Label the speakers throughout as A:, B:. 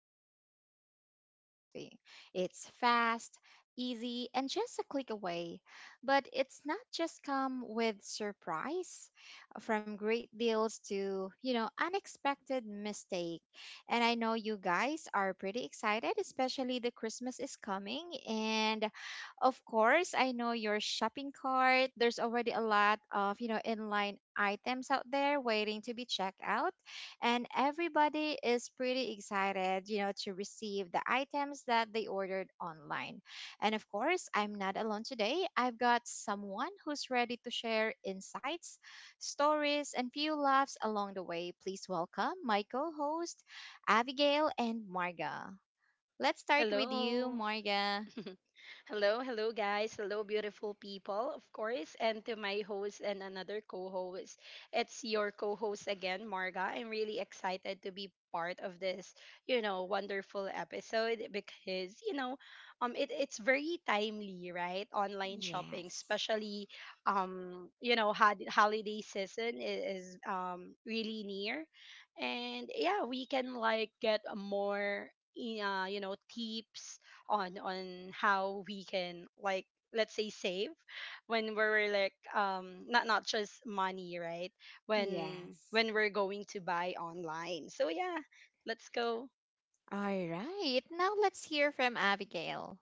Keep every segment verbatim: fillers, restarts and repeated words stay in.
A: to talk about online shopping. It's fast, easy, and just a click away. But it's not just come with surprise from great deals to, you know, unexpected mistake. And I know you guys are pretty excited, especially the Christmas is coming and of course, I know your shopping cart. There's already a lot of, you know, inline items out there waiting to be checked out. And everybody is pretty excited, you know, to receive the items that they ordered online. And of course, I'm not alone today. I've got someone who's ready to share insights, stories, and few laughs along the way. Please welcome my co host, Abigail and Marga. Let's start with you,
B: Hello.
A: Marga.
B: hello, hello, guys. Hello, beautiful people, of course. And to my host and another co host, it's your co host again, Marga. I'm really excited to be part of this, you know, wonderful episode because, you know, um, it, it's very timely, right? Online shopping,
A: Yes.
B: especially, um, you know, had, holiday season is, is um, really near. And yeah, we can like get a more, i- uh, you know, tips on on how we can like, let's say, save when we're like, um not not just money, right, when
A: Yes.
B: when we're going to buy online. So yeah, let's go.
A: All right. Now let's hear from Abigail.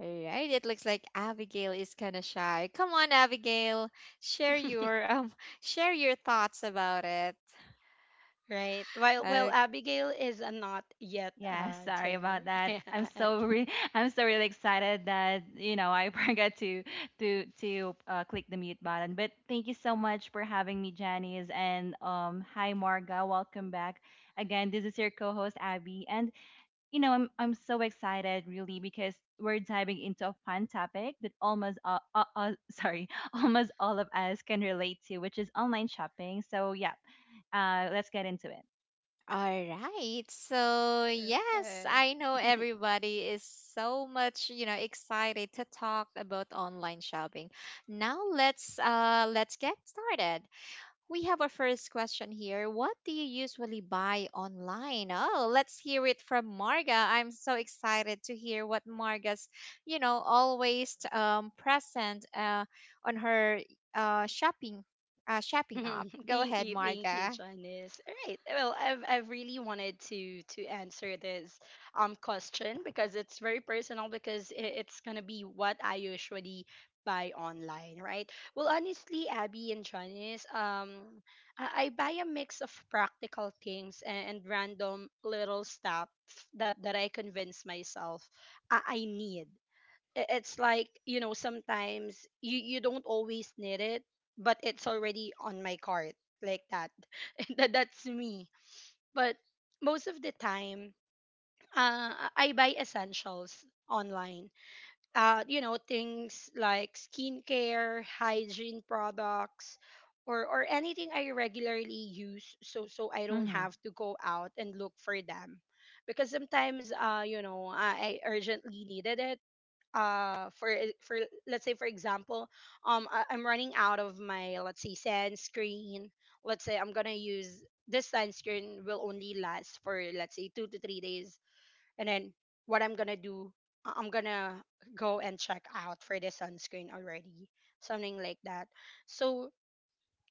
A: All right. It looks like Abigail is kind of shy. Come on, Abigail. Share your um share your thoughts about it.
B: Right, while while
A: Uh,
B: Abigail is uh, not yet
C: Yeah,
B: uh
C: sorry
B: there.
C: about that. I'm so
B: Okay,
C: re- I'm so really excited that you know I forgot to to to uh, click the mute button. But thank you so much for having me, Janice, and um, hi Marga, welcome back again. This is your co-host Abby, and you know I'm I'm so excited really because we're diving into a fun topic that almost uh, uh, uh sorry almost all of us can relate to, which is online shopping. So yeah, uh, let's get into it.
A: all right. So, yes,
B: perfect.
A: I know everybody is so much, you know, excited to talk about online shopping. Now let's uh let's get started. We have our first question here. What do you usually buy online? Oh, let's hear it from Marga. I'm so excited to hear what Marga's, you know, always um, present uh, on her uh, shopping uh, shopping app. Go
B: Thank
A: ahead,
B: you, thank you,
A: Marga.
B: Janice. All right. Well, I've I've really wanted to to answer this um question because it's very personal because i- it's gonna be what I usually buy online, right? Well, honestly, Abby and Janice, um, I, I buy a mix of practical things and, and random little stuff that that I convince myself I, I need. I- it's like, you know, sometimes you, you don't always need it, but it's already on my cart, like that. That- that's me, but most of the time, uh i I buy essentials online. Uh you know, things like skincare, hygiene products, or or anything I regularly use, so so I don't
C: Mhm.
B: have to go out and look for them, because sometimes, uh you know, i, I urgently needed it uh for e- for let's say, for example, um I, I'm running out of my, let's say, sunscreen. Let's say I'm gonna use, this sunscreen will only last for, let's say, two to three days, and then what I'm gonna do, I- I'm gonna go and check out for the sunscreen already, something like that. So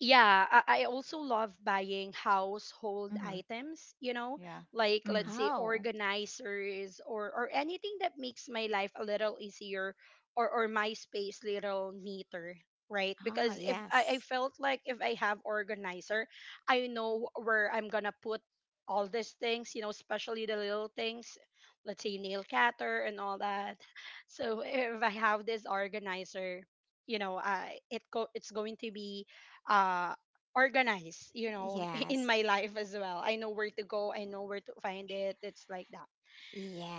B: yeah, I, I also love buying household
C: Mhm.
B: items, you know,
C: Yeah.
B: like, let's
C: Mhm.
B: say,
A: Oh,
B: organizers or or anything that makes my life a little easier or or my space little neater, right?
A: oh,
B: Because if I, I
A: yes,
B: felt like if I have organizer, I know where I'm gonna put all these things, you know, especially the little things, let's say, nail cutter and all that. So if I have this organizer, you know, uh, it go, it's going to be uh organize, you know, in
A: yes,
B: my life as well. I know where to go, I know where to find it, it's like that.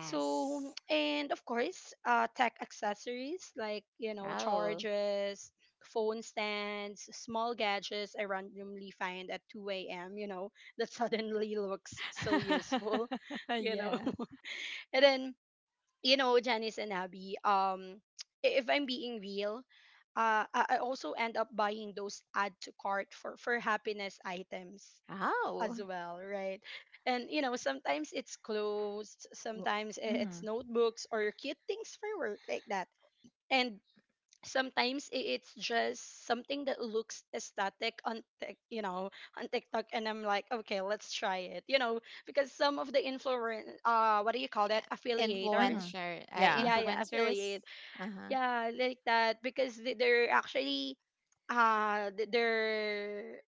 B: So, and of course, uh tech accessories like, you know,
A: Oh,
B: chargers, phone stands, small gadgets I randomly find at two a.m, you know, that suddenly looks so useful. You know,
A: yeah.
B: and then, you know, Janice and Abby, um, if I'm being real, uh, I I also end up buying those add to cart for for happiness items
A: Oh,
B: as well, right? And you know, sometimes it's clothes,
C: Well,
B: sometimes i- it's
C: mhm,
B: notebooks or cute things for work, like that, and sometimes i- it's just something that looks aesthetic on Tik- you know, on TikTok, and I'm like, okay, let's try it, you know, because some of the influence, uh, what do you call that,
A: yeah.
B: affiliators.
C: mhm.
A: Influencer, uh,
C: Yeah.
B: Yeah, yeah,
A: influencers.
B: affiliate.
A: Uh huh.
B: Yeah, like that, because they- they're actually uh th- they're,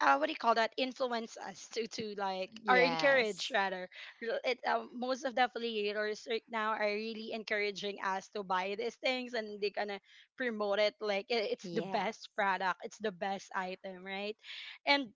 B: uh, what do you call that? Influence us to to like, or encourage
A: Yes.
B: rather. L- It, um, most of the affiliators right now are really encouraging us to buy these things, and they're gonna promote it like i- it's the
A: Yes.
B: best product, it's the best item, right? And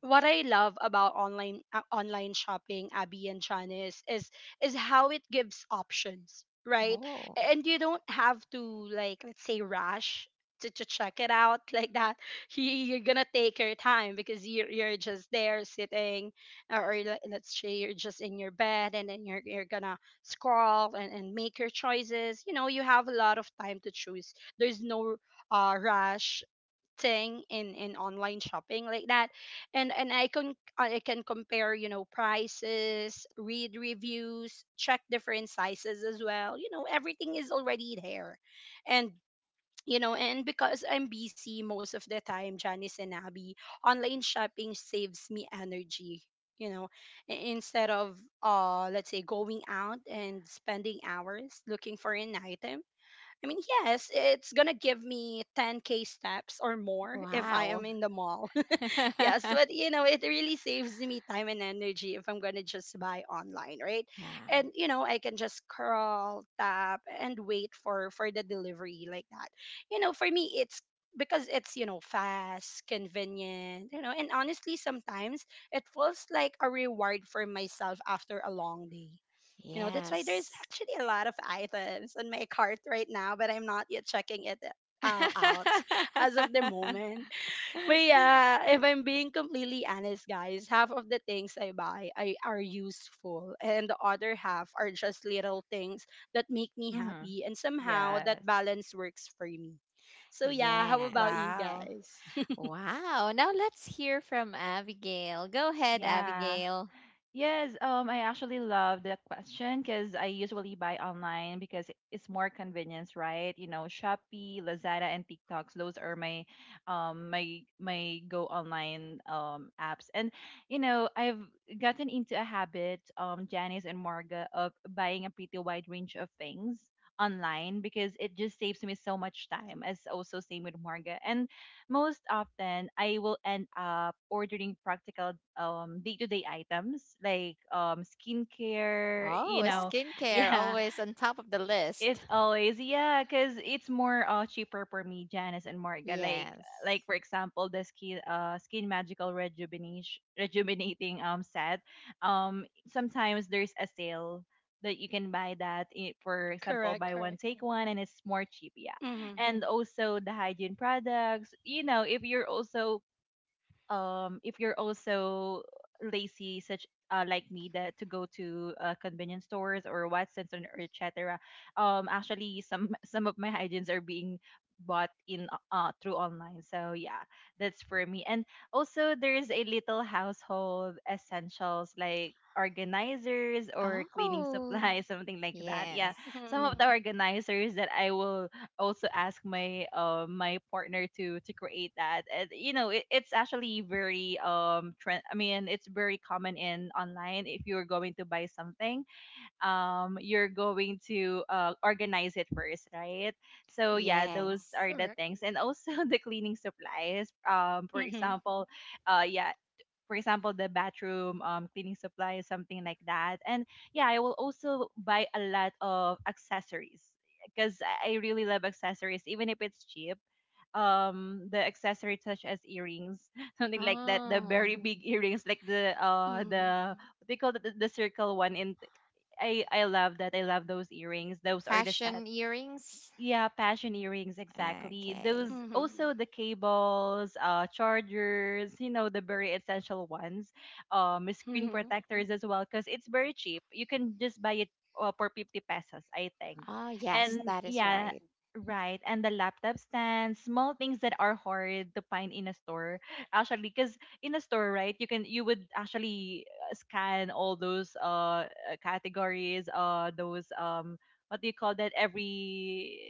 B: what I love about online uh, online shopping, Abby and Janice, is is how it gives options, right?
A: Oh,
B: And you don't have to, like, let's say, rush to, to check it out, like that. You, you're gonna take your time, because you're you're just there sitting, or or le- let's say you're just in your bed and then you're you're gonna scroll and, and make your choices. You know, you have a lot of time to choose. There's no uh, rush thing in in online shopping, like that, and and I can, I can compare, you know, prices, read reviews, check different sizes as well, you know, everything is already there. And you know, and because I'm busy most of the time, Janice and Abby, online shopping saves me energy, you know, i- instead of uh let's say going out and spending hours looking for an item. I mean, yes, it's gonna give me ten k steps or more if I am
A: wow.
B: in the mall. Yes, but you know, it really saves me time and energy if I'm gonna just buy online, right? And you know, I can just scroll, tap, and wait for for the delivery, like that. You know, for me, it's, because it's, you know, fast, convenient, you know, and honestly, sometimes it feels like a reward for myself after a long day.
A: Yeah.
B: You know, that's why there's
A: Yes.
B: actually a lot of items on my cart right now, but I'm not yet checking it uh, out. As of the moment, but yeah, if I'm being completely honest, guys, half of the things I buy I are useful, and the other half are just little things that make me
C: Mhm.
B: happy, and somehow
C: Yes.
B: that balance works for me. So yeah, how about you
A: Yes.
C: Wow.
B: guys?
A: Wow. Now let's hear from Abigail. Go ahead,
C: Yeah.
A: Abigail.
C: Yes, um, I actually love that question because I usually buy online because it's more convenience, right? You know, Shopee, Lazada, and TikToks. Those are my, um, my my go online um apps. And you know, I've gotten into a habit, um, Janice and Marga, of buying a pretty wide range of things online because it just saves me so much time, as also same with Marga. And most often I will end up ordering practical um day-to-day items like um skincare, you
A: Oh,
C: know.
A: skincare
C: Yeah,
A: always on top of the list.
C: it's always yeah, cause it's more uh cheaper for me, Janice and Marga. Like
A: Yes.
C: like for example, the skin uh skin magical rejuvenation rejuvenating um set. Um, sometimes there's a sale that you can buy that i- for
B: Correct,
C: example buy
B: correct.
C: one take one and it's more cheap yeah,
B: Mhm.
C: and also the hygiene products. You know, if you're also um if you're also lazy such uh, like me that to go to uh, convenience stores or Watsons or et cetera. Um, actually, some some of my hygienes are being bought in uh uh, through online. So yeah, that's for me. And also, there is a little household essentials like organizers or cleaning
A: Oh,
C: supplies, something like that. Yeah,
A: yes.
C: some of
B: Mhm.
C: the organizers that I will also ask my uh, my partner to to create that. And, you know, it, it's actually very um trend. I mean, it's very common in online. If you're going to buy something, um, you're going to uh, organize it first, right? So yeah, yeah, those
A: Yes.
C: are the
B: Correct.
C: things, and also the cleaning supplies. Um, for
B: Mhm.
C: example, uh, yeah, for example, the bathroom, um, cleaning supplies, something like that. And yeah, I will also buy a lot of accessories because I I really love accessories, even if it's cheap. Um, the accessories such as earrings, something like that, the
A: Oh,
C: very big earrings, like the uh
B: Mhm.
C: the what they call it, the, the circle one. And I I love that. I love those earrings. Those are the set,
A: fashion earrings.
C: yeah, passion earrings, exactly.
A: Okay.
C: Those
B: Mhm.
C: also the cables, uh, chargers, you know, the very essential ones, um, screen
B: Mhm.
C: protectors as well, because it's very cheap. You can just buy it uh, for fifty pesos, I think.
A: Ah yes,
C: And
A: that is
C: yeah,
A: right.
C: right. And the laptop stand, small things that are hard to find in a store, actually, because in a store, right, you can you would actually uh, scan all those uh uh, categories, uh, those um what do you call that every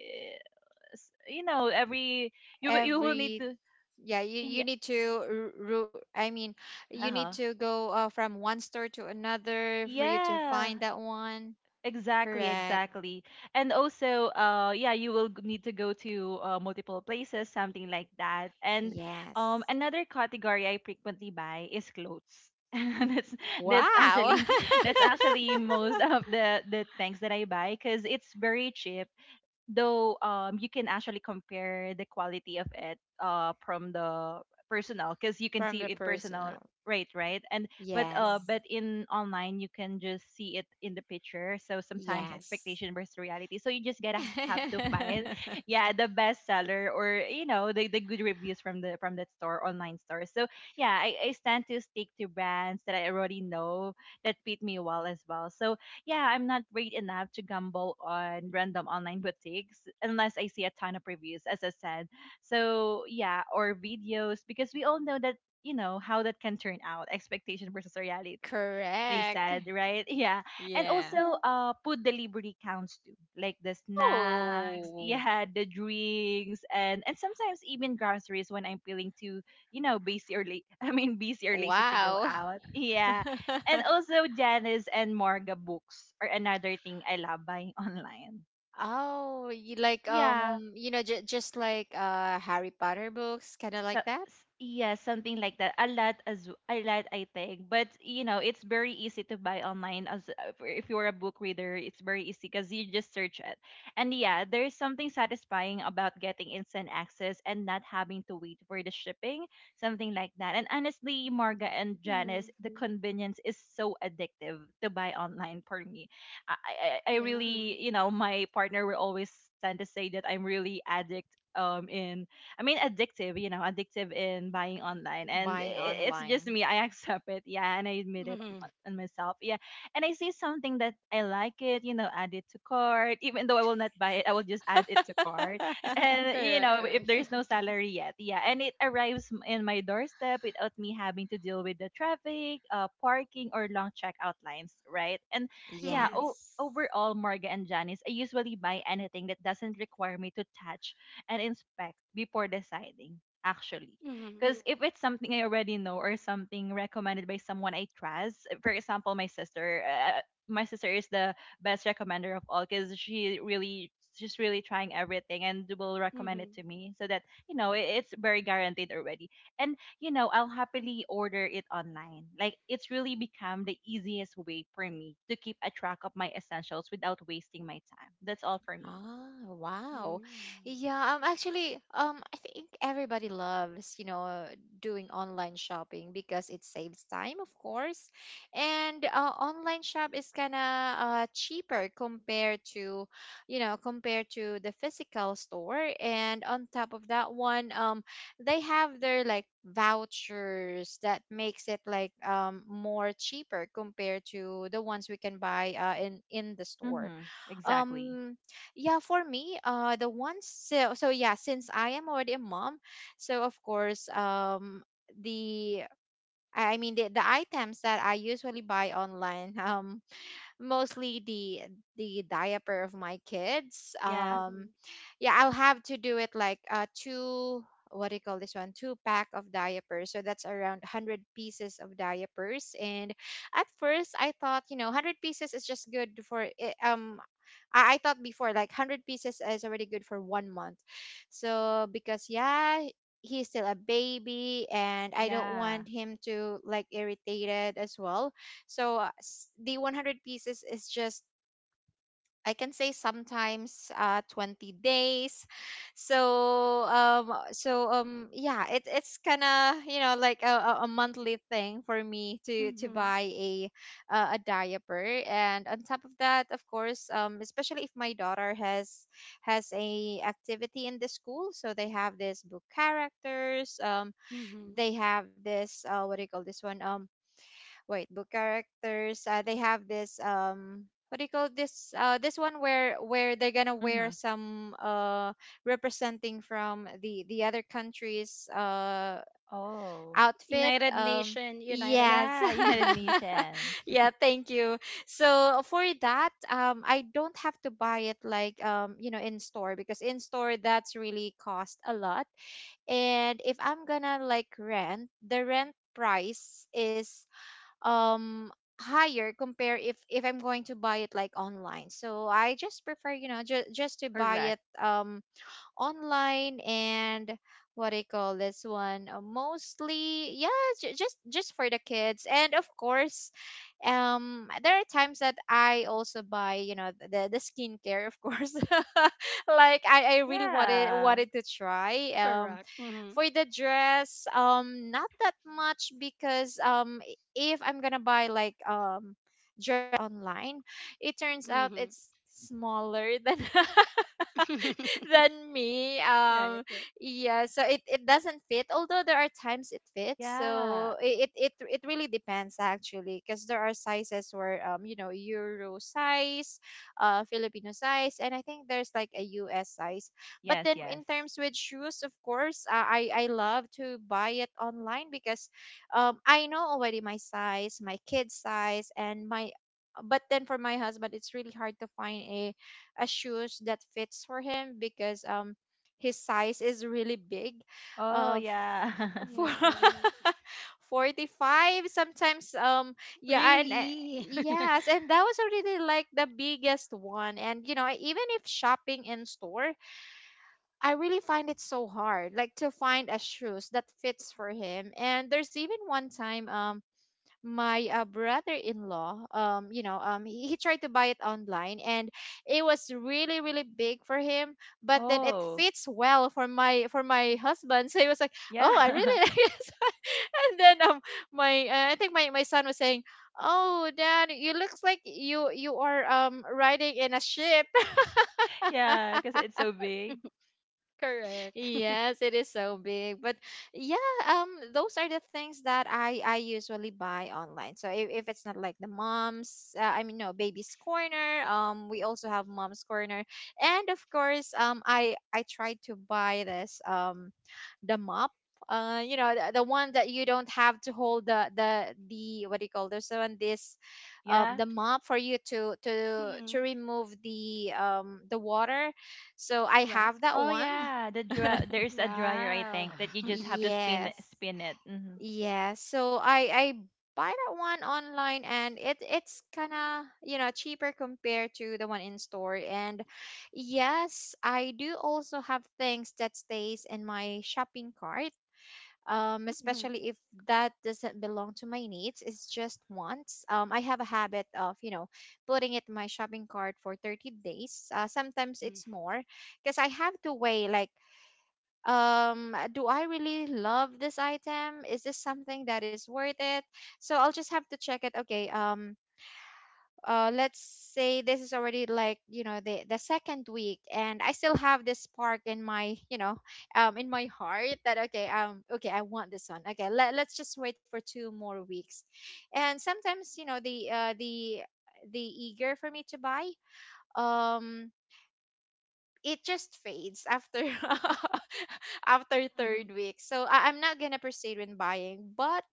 C: s- you know every you will- you will need
A: Every
C: to
A: Yeah, you, you
C: yeah,
A: need to r- ru- I mean, you need
C: uh-huh,
A: to go uh, from one store to another for you to
C: yeah,
A: find that one.
C: exactly,
A: Correct.
C: exactly. And also uh yeah, you will g- need to go to uh, multiple places, something like that. And um
A: Yes.
C: another category I frequently buy is clothes, that's that's
A: Wow.
C: actually that's actually most of the the things that I buy because it's very cheap, though um you can actually compare the quality of it uh from the personal, because you can
A: From
C: see
A: the
C: it personal,
A: personal.
C: right, right. And but uh yeah, uh
A: Yes.
C: but in online you can just see it in the picture, so sometimes
A: Yes.
C: expectation versus reality, so you just gotta have to find yeah the best seller, or you know the, the good reviews from the from that store, online store. So yeah, I, I tend to stick to brands that I already know that fit me well as well. So yeah, I'm not great enough to gamble on random online boutiques unless I see a ton of reviews, as I said. So, yeah, or videos, because we all know that, you know, how that can turn out expectation versus reality. They
A: Correct.
C: said, right? Yeah. And
A: Yeah.
C: also, uh, food delivery counts too, like the snacks,
A: Oh,
C: yeah, the drinks, and and sometimes even groceries when I'm feeling too, you know, busy or late. I mean, busy or lazy to go
A: wow.
C: out. Yeah, and also Janice and Morga, books are another thing I love buying online.
A: Oh, you like
C: Yeah.
A: um, you know, j just like uh Harry Potter books, kind of
C: So
A: like that,
C: s- yeah, something like that. A lot, as a lot, I think. But you know, it's very easy to buy online as uh, for- if you're a book reader, it's very easy because you just search it. And yeah, there's something satisfying about getting instant access and not having to wait for the shipping, something like that. And honestly, Marga and Janice,
B: Mhm.
C: the convenience is so addictive to buy online for me. I I, I I
B: Yeah.
C: really, you know, my partner will always tend to say that I'm really addict um in I mean, addictive, you know, addictive in buying online. And
A: buying
C: i- it's just
A: online.
C: me. I accept it. Yeah. And I admit it on
B: Mhm.
C: on myself. Yeah. And I see something that I like it, you know, add it to cart. Even though I will not buy it, I will just add it to cart. And, you
B: Correct,
C: know, if
B: correct.
C: there's no salary yet. Yeah. And it arrives m- in my doorstep without me having to deal with the traffic, uh, parking, or long checkout lines. Right. And yeah.
B: Mhm.
C: Oh,
A: Yes.
C: overall, Morga and Janice, I usually buy anything that doesn't require me to touch and inspect before deciding, actually,
B: Mhm.
C: because if it's something I already know or something recommended by someone I trust, for example, my sister, uh, my sister is the best recommender of all, because she really she's really trying everything and will recommend it
B: Mhm.
C: to me, so that you know it, it's very guaranteed already. And you know, I'll happily order it online. Like, it's really become the easiest way for me to keep a track of my essentials without wasting my time. That's all for me.
A: Ah, wow.
B: Mhm.
A: Yeah, um actually, um I think everybody loves, you know, doing online shopping because it saves time, of course. And uh, online shop is kind of uh, cheaper compared to, you know, compared to the physical store. And on top of that one, um they have their like vouchers that makes it like um more cheaper compared to the ones we can buy uh, in in the store.
C: Mm-hmm, exactly.
A: um yeah, for me, uh the ones, so, so yeah, since I am already a mom, so of course, um the I I mean, the, the items that I usually buy online. Um mostly the the diaper of my kids.
C: Yeah.
A: Um,
B: Mhm.
A: yeah, I'll have to do it like uh two — what do you call this one — two pack of diapers, so that's around one hundred pieces of diapers. And at first I thought you know one hundred pieces is just good for i- um I, I thought before like one hundred pieces is already good for one month, so because, yeah, he's still a baby, and I don't
C: Yeah.
A: want him to like irritated as well. So uh, s- the one hundred pieces is just, I can say, sometimes uh twenty days. So um uh, so um yeah, it it's kind of, you know, like a, a a monthly thing for me to to
B: Mhm.
A: buy a uh, a diaper. And on top of that, of course, um especially if my daughter has has a activity in the school, so they have this book characters. Um
B: Mhm.
A: they have this uh what do you call this one? Um, wait, book characters — uh, they have this um what do you call this uh this one where where they're gonna
C: Mm-hmm.
A: wear some uh representing from the the other countries, uh
C: Oh. Yeah.
A: outfit.
B: United
A: Um
B: Nation, United
A: yes.
B: Nation.
C: Yeah. Nishan.
A: Yeah,
B: Hmm.
A: thank you. So for that, um I don't have to buy it like um you know in store, because in store that's really cost a lot. And if I'm gonna like rent, the rent price is um higher compare if if I'm going to buy it like online, so I just prefer, you know ju- just to buy it
C: Correct.
A: um online. And what do you call this one? Uh, mostly, yeah, ju- just just for the kids. And of course, um there are times that I also buy, you know, the the skincare, of course. Like i i really wanted
C: Yeah.
A: wanted to try. Um
B: Correct. Hmm.
A: for the dress, um not that much, because um i- if I'm gonna buy like um online, it turns out
B: Hmm.
A: it's smaller than than me. Um,
B: Right, right.
A: yeah, so it, it doesn't fit. Although there are times it fits,
C: Yeah.
A: so i- it it it really depends actually, because there are sizes where um you know, Euro size, uh Filipino size, and I think there's like a U S size. But
C: Yes.
A: then
C: Yes.
A: in terms with shoes, of course, uh, I I love to buy it online because um I know already my size, my kid's size, and my — but then for my husband it's really hard to find a a shoes that fits for him because um his size is really big.
C: Oh.
A: Uh,
C: Yeah.
A: f- for
B: Right.
A: forty-five sometimes. Um yeah. And uh,
B: Really?
A: yes, and that was already like the biggest one, and you know, even if shopping in store, I really find it so hard, like to find a shoes that fits for him. And there's even one time, um, my uh, brother-in-law — um you know um he, he tried to buy it online, and it was really really big for him, but then it
C: oh.
A: fits well for my for my husband. So he was like, oh, I
C: Yeah.
A: really like this. And then, um my — uh, I think my my son was saying, oh, Dad, you looks like you you are um riding in a ship.
C: yeah. Because it's so big.
B: Correct.
A: Yes, it is so big. But yeah, um, those are the things that I I usually buy online. So if, if it's not like the mom's — uh, I mean, no, baby's corner. Um, we also have mom's corner, and of course, um, I I tried to buy this, um, the mop. Uh, you know the, the one that you don't have to hold the the the what do you call this one? This, um
C: Yeah.
A: the mop, for you to to to
B: Mhm.
A: remove the um the water. So I have
B: Correct.
A: that
C: Oh.
A: one.
C: Yeah. The dry. There's a dryer. I
B: Wow.
C: think that you just have to spin it.
A: Yes.
C: Spin it. Hmm.
A: Yeah. So I I buy that one online, and it it's kind of, you know, cheaper compared to the one in store. And yes, I do also have things that stays in my shopping cart. Um,
B: Mhm.
A: especially if that doesn't belong to my needs, it's just wants. Um, I have a habit of, you know, putting it in my shopping cart for thirty days. Uh, sometimes it's more, because I have to weigh, like, um do I really love this item? Is this something that is worth it? So I'll just have to check it. Okay. Um uh let's say this is already, like, you know, the the second week, and I still have this spark in my, you know, um in my heart, that, okay, um okay, I want this one. Okay, let, let's just wait for two more weeks. And sometimes, you know, the uh the the eager for me to buy, um it just fades after after third
B: Mhm.
A: week. So I- I'm not gonna proceed with buying. But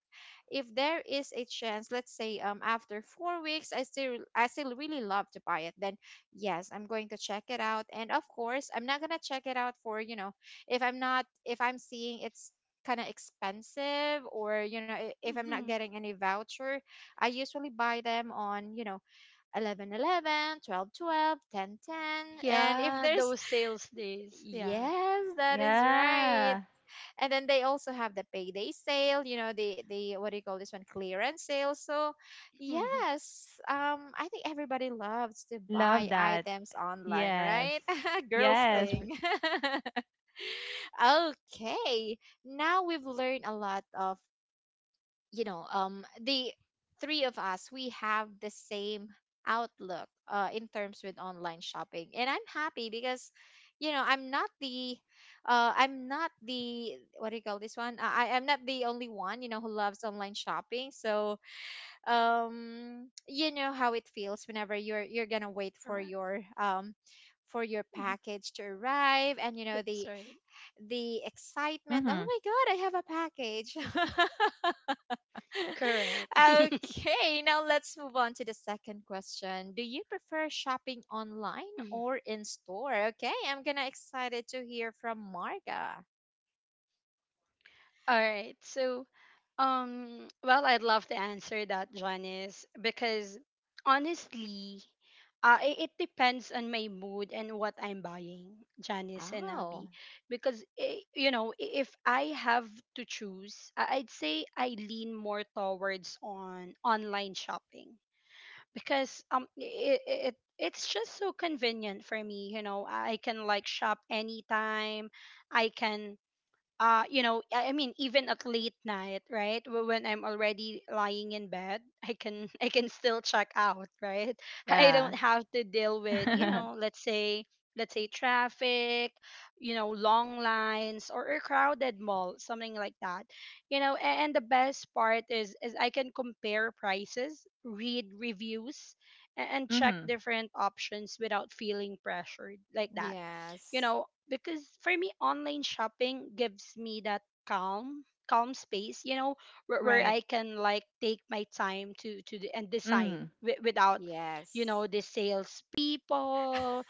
A: if there is a chance, let's say um after four weeks, I still I still really love to buy it. Then yes, I'm going to check it out. And of course, I'm not gonna check it out for, you know, if I'm not, if I'm seeing it's kind of expensive. Or, you know, i- if I'm not
B: Mhm.
A: getting any voucher, I usually buy them on, you know, eleven eleven, twelve twelve, ten ten. And if
B: Yeah,
A: there's
B: those sales days. Yeah.
A: Yes, that is right.
C: Yeah.
A: And then they also have the payday sale, you know, the the what do you call this one? Clearance sale. So
B: Mhm.
A: yes, um I think everybody loves to buy
C: Love that.
A: items online,
C: Yes.
A: right? Girls
C: Yes.
B: Correct.
A: thing. Okay. Now we've learned a lot of, you know, um the three of us, we have the same outlook uh, in terms with online shopping, and I'm happy because, you know, I'm not the — uh, I'm not the — what do you call this one? I, I- am not the only one, you know, who loves online shopping. So um you know how it feels whenever you're you're gonna wait for
B: Correct.
A: your um for your
B: Mhm.
A: package to arrive, and you know
B: That's
A: the
B: right.
A: the excitement — oh
C: Mm-hmm.
A: my god, I have a package!
B: Correct.
A: Okay, now let's move on to the second question. Do you prefer shopping online or in store? Okay, I'm gonna excited to hear from Marga.
B: All right. So, Um, well, I'd love to answer that, Janice, because honestly, uh, i- it depends on my mood and what I'm buying, Janice and
A: Oh,
B: Abby. Because, i- you know, i- if I have to choose, I- I'd say I lean more towards on online shopping, because um it, it it's just so convenient for me, you know. I can like shop anytime. I can, uh you know, i I mean, even at late night, right, wh- when I'm already lying in bed, I can I can still check out, right. I
C: Yeah.
B: don't have to deal with, you know, let's say let's say traffic, you know, long lines or a crowded mall, something like that, you know. A- and the best part is is I can compare prices, read reviews, a- and check
C: mm-hmm.
B: different options without feeling pressured, like that, you
A: yes,
B: know, because for me online shopping gives me that calm calm space, you know, where, where
C: Right.
B: I can like take my time to to d- and decide
C: Mm.
B: wi- without, you
A: yes,
B: know, the sales people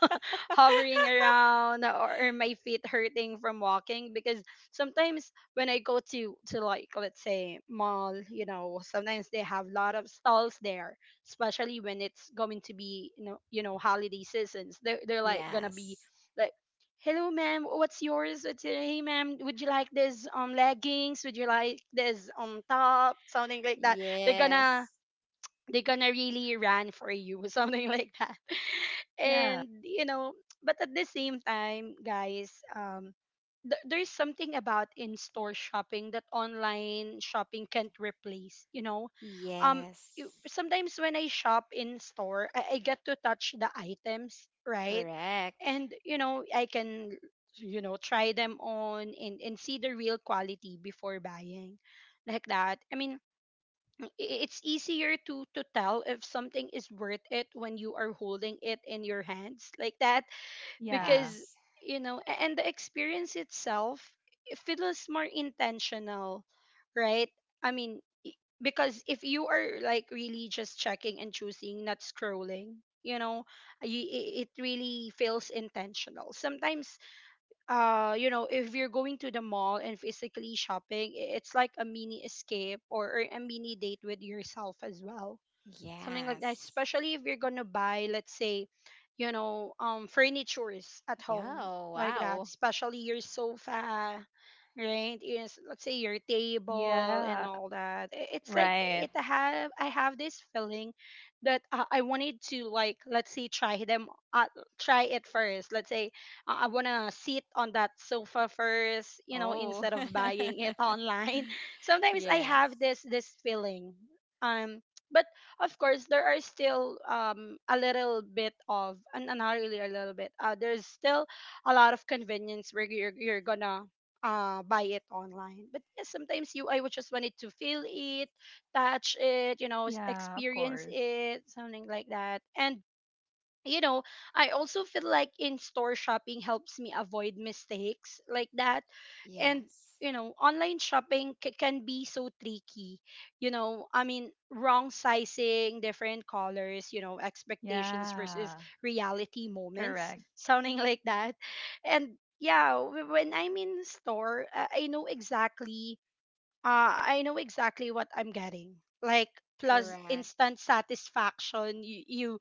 B: hovering around or, or my feet hurting from walking, because sometimes when I go to to like, let's say, mall, you know, sometimes they have a lot of stalls there, especially when it's going to be, you know, you know, holiday seasons, they're, they're like gonna be
A: yes,
B: like, hello ma'am what's yours, it's, uh, hey ma'am, would you like this um leggings, would you like this um top, something like that. They're gonna,
A: yes,
B: they're gonna really run for you, something like that,
C: Yeah.
B: and you know. But at the same time, guys, um th- there's something about in-store shopping that online shopping can't replace, you know, um
A: yes,
B: you- sometimes when I shop in store, I, I get to touch the items, right,
A: correct.
B: and you know I can, you know, try them on and, and see the real quality before buying, like that. I mean, i- it's easier to to tell if something is worth it when you are holding it in your hands, like that,
C: Yeah.
B: because,
A: Yes,
B: you know, a- and the experience itself, it feels more intentional, right. I mean, i- because if you are like really just checking and choosing, not scrolling, you know, y- i- it really feels intentional sometimes. Uh you know, if you're going to the mall and physically shopping, i- it's like a mini escape or, or a mini date with yourself as well, something like that,
A: yes.
B: especially if you're gonna buy, let's say, you know, um furnitures at home,
A: Yo,
B: like that,
A: wow.
B: especially your sofa, right, is let's say your table and
C: Yeah.
B: all that. I- it's like
C: Right.
B: it have I have this feeling that, uh, I wanted to, like, let's say, try them, uh, try it first, let's say, uh, I want to sit on that sofa first, you know,
A: Oh,
B: instead of buying it online. Sometimes I
A: yes,
B: have this this feeling, um but of course there are still um a little bit of, and not really a little bit, uh there's still a lot of convenience where you're you're gonna uh buy it online. But yes, sometimes you, I would just wanted to feel it, touch it, you know, s-
C: Yeah, of
B: experience
C: course.
B: it, something like that. And you know, I also feel like in store shopping helps me avoid mistakes, like that. And,
A: yes,
B: you know, online shopping c- can be so tricky. You know, I mean, wrong sizing, different colors, you know, expectations versus
C: Yeah.
B: reality moments,
C: Correct.
B: sounding like that. And yeah, w- when I'm in store, uh, I know exactly uh, I know exactly what I'm getting. Like plus
A: correct.
B: instant satisfaction. You, you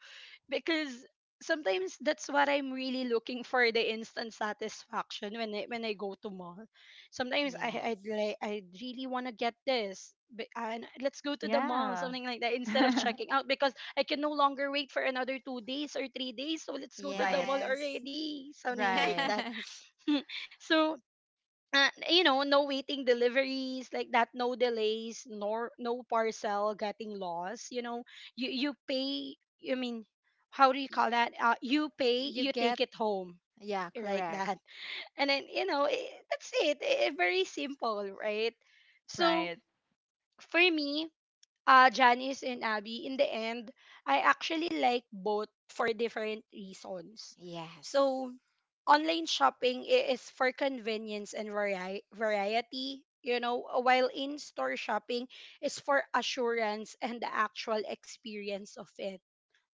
B: because sometimes that's what I'm really looking for, the instant satisfaction when I, when I go to mall. Sometimes I I'd
A: Yes.
B: like I really want to get this. But, and let's go to the mall,
C: Yeah.
B: something like that, instead of checking out because I can no longer wait for another two days or three days. So let's go to the
C: right.
B: mall
A: Yes.
B: already, something like
C: Right.
B: that.
A: Yes.
B: So uh, you know, no waiting deliveries like that, no delays, nor no parcel getting lost. You know, you you pay. I mean, how do you call
A: Yeah.
B: that? Uh, you pay,
A: You
B: you take
A: get,
B: it home
A: yeah,
B: like
A: correct.
B: that, and then you know I that's it. I- very simple, right? So
C: Right.
B: for me, uh, Janice and Abby, in the end, I actually like both for different reasons.
A: Yes.
B: So, online shopping i- is for convenience and vari- variety, you know, while in store shopping is for assurance and the actual experience of it,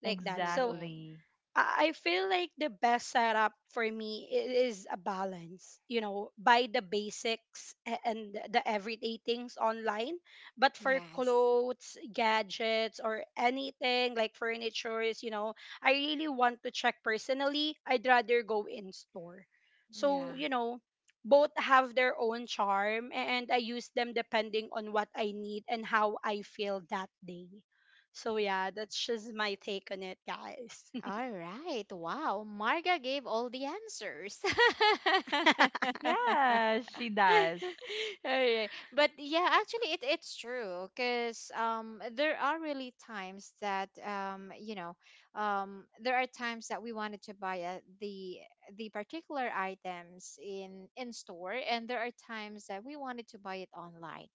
B: like that. So,
A: Correct.
C: Exactly.
B: I I feel like the best setup for me i- is a balance, you know. Buy the basics a- and the the everyday things online. But for
A: Yes.
B: clothes, gadgets, or anything like furnitures, you know, I really want to check personally. I'd rather go in store. So,
A: Yeah.
B: you know, both have their own charm and I use them depending on what I need and how I feel that day. So, yeah, that's just my take on it, guys.
A: All right. Wow. Marga gave all the answers.
C: Yeah, she does.
A: Alright. But yeah, actually it it's true because um there are really times that um you know um there are times that we wanted to buy uh, the the particular items in in store and there are times that we wanted to buy it online.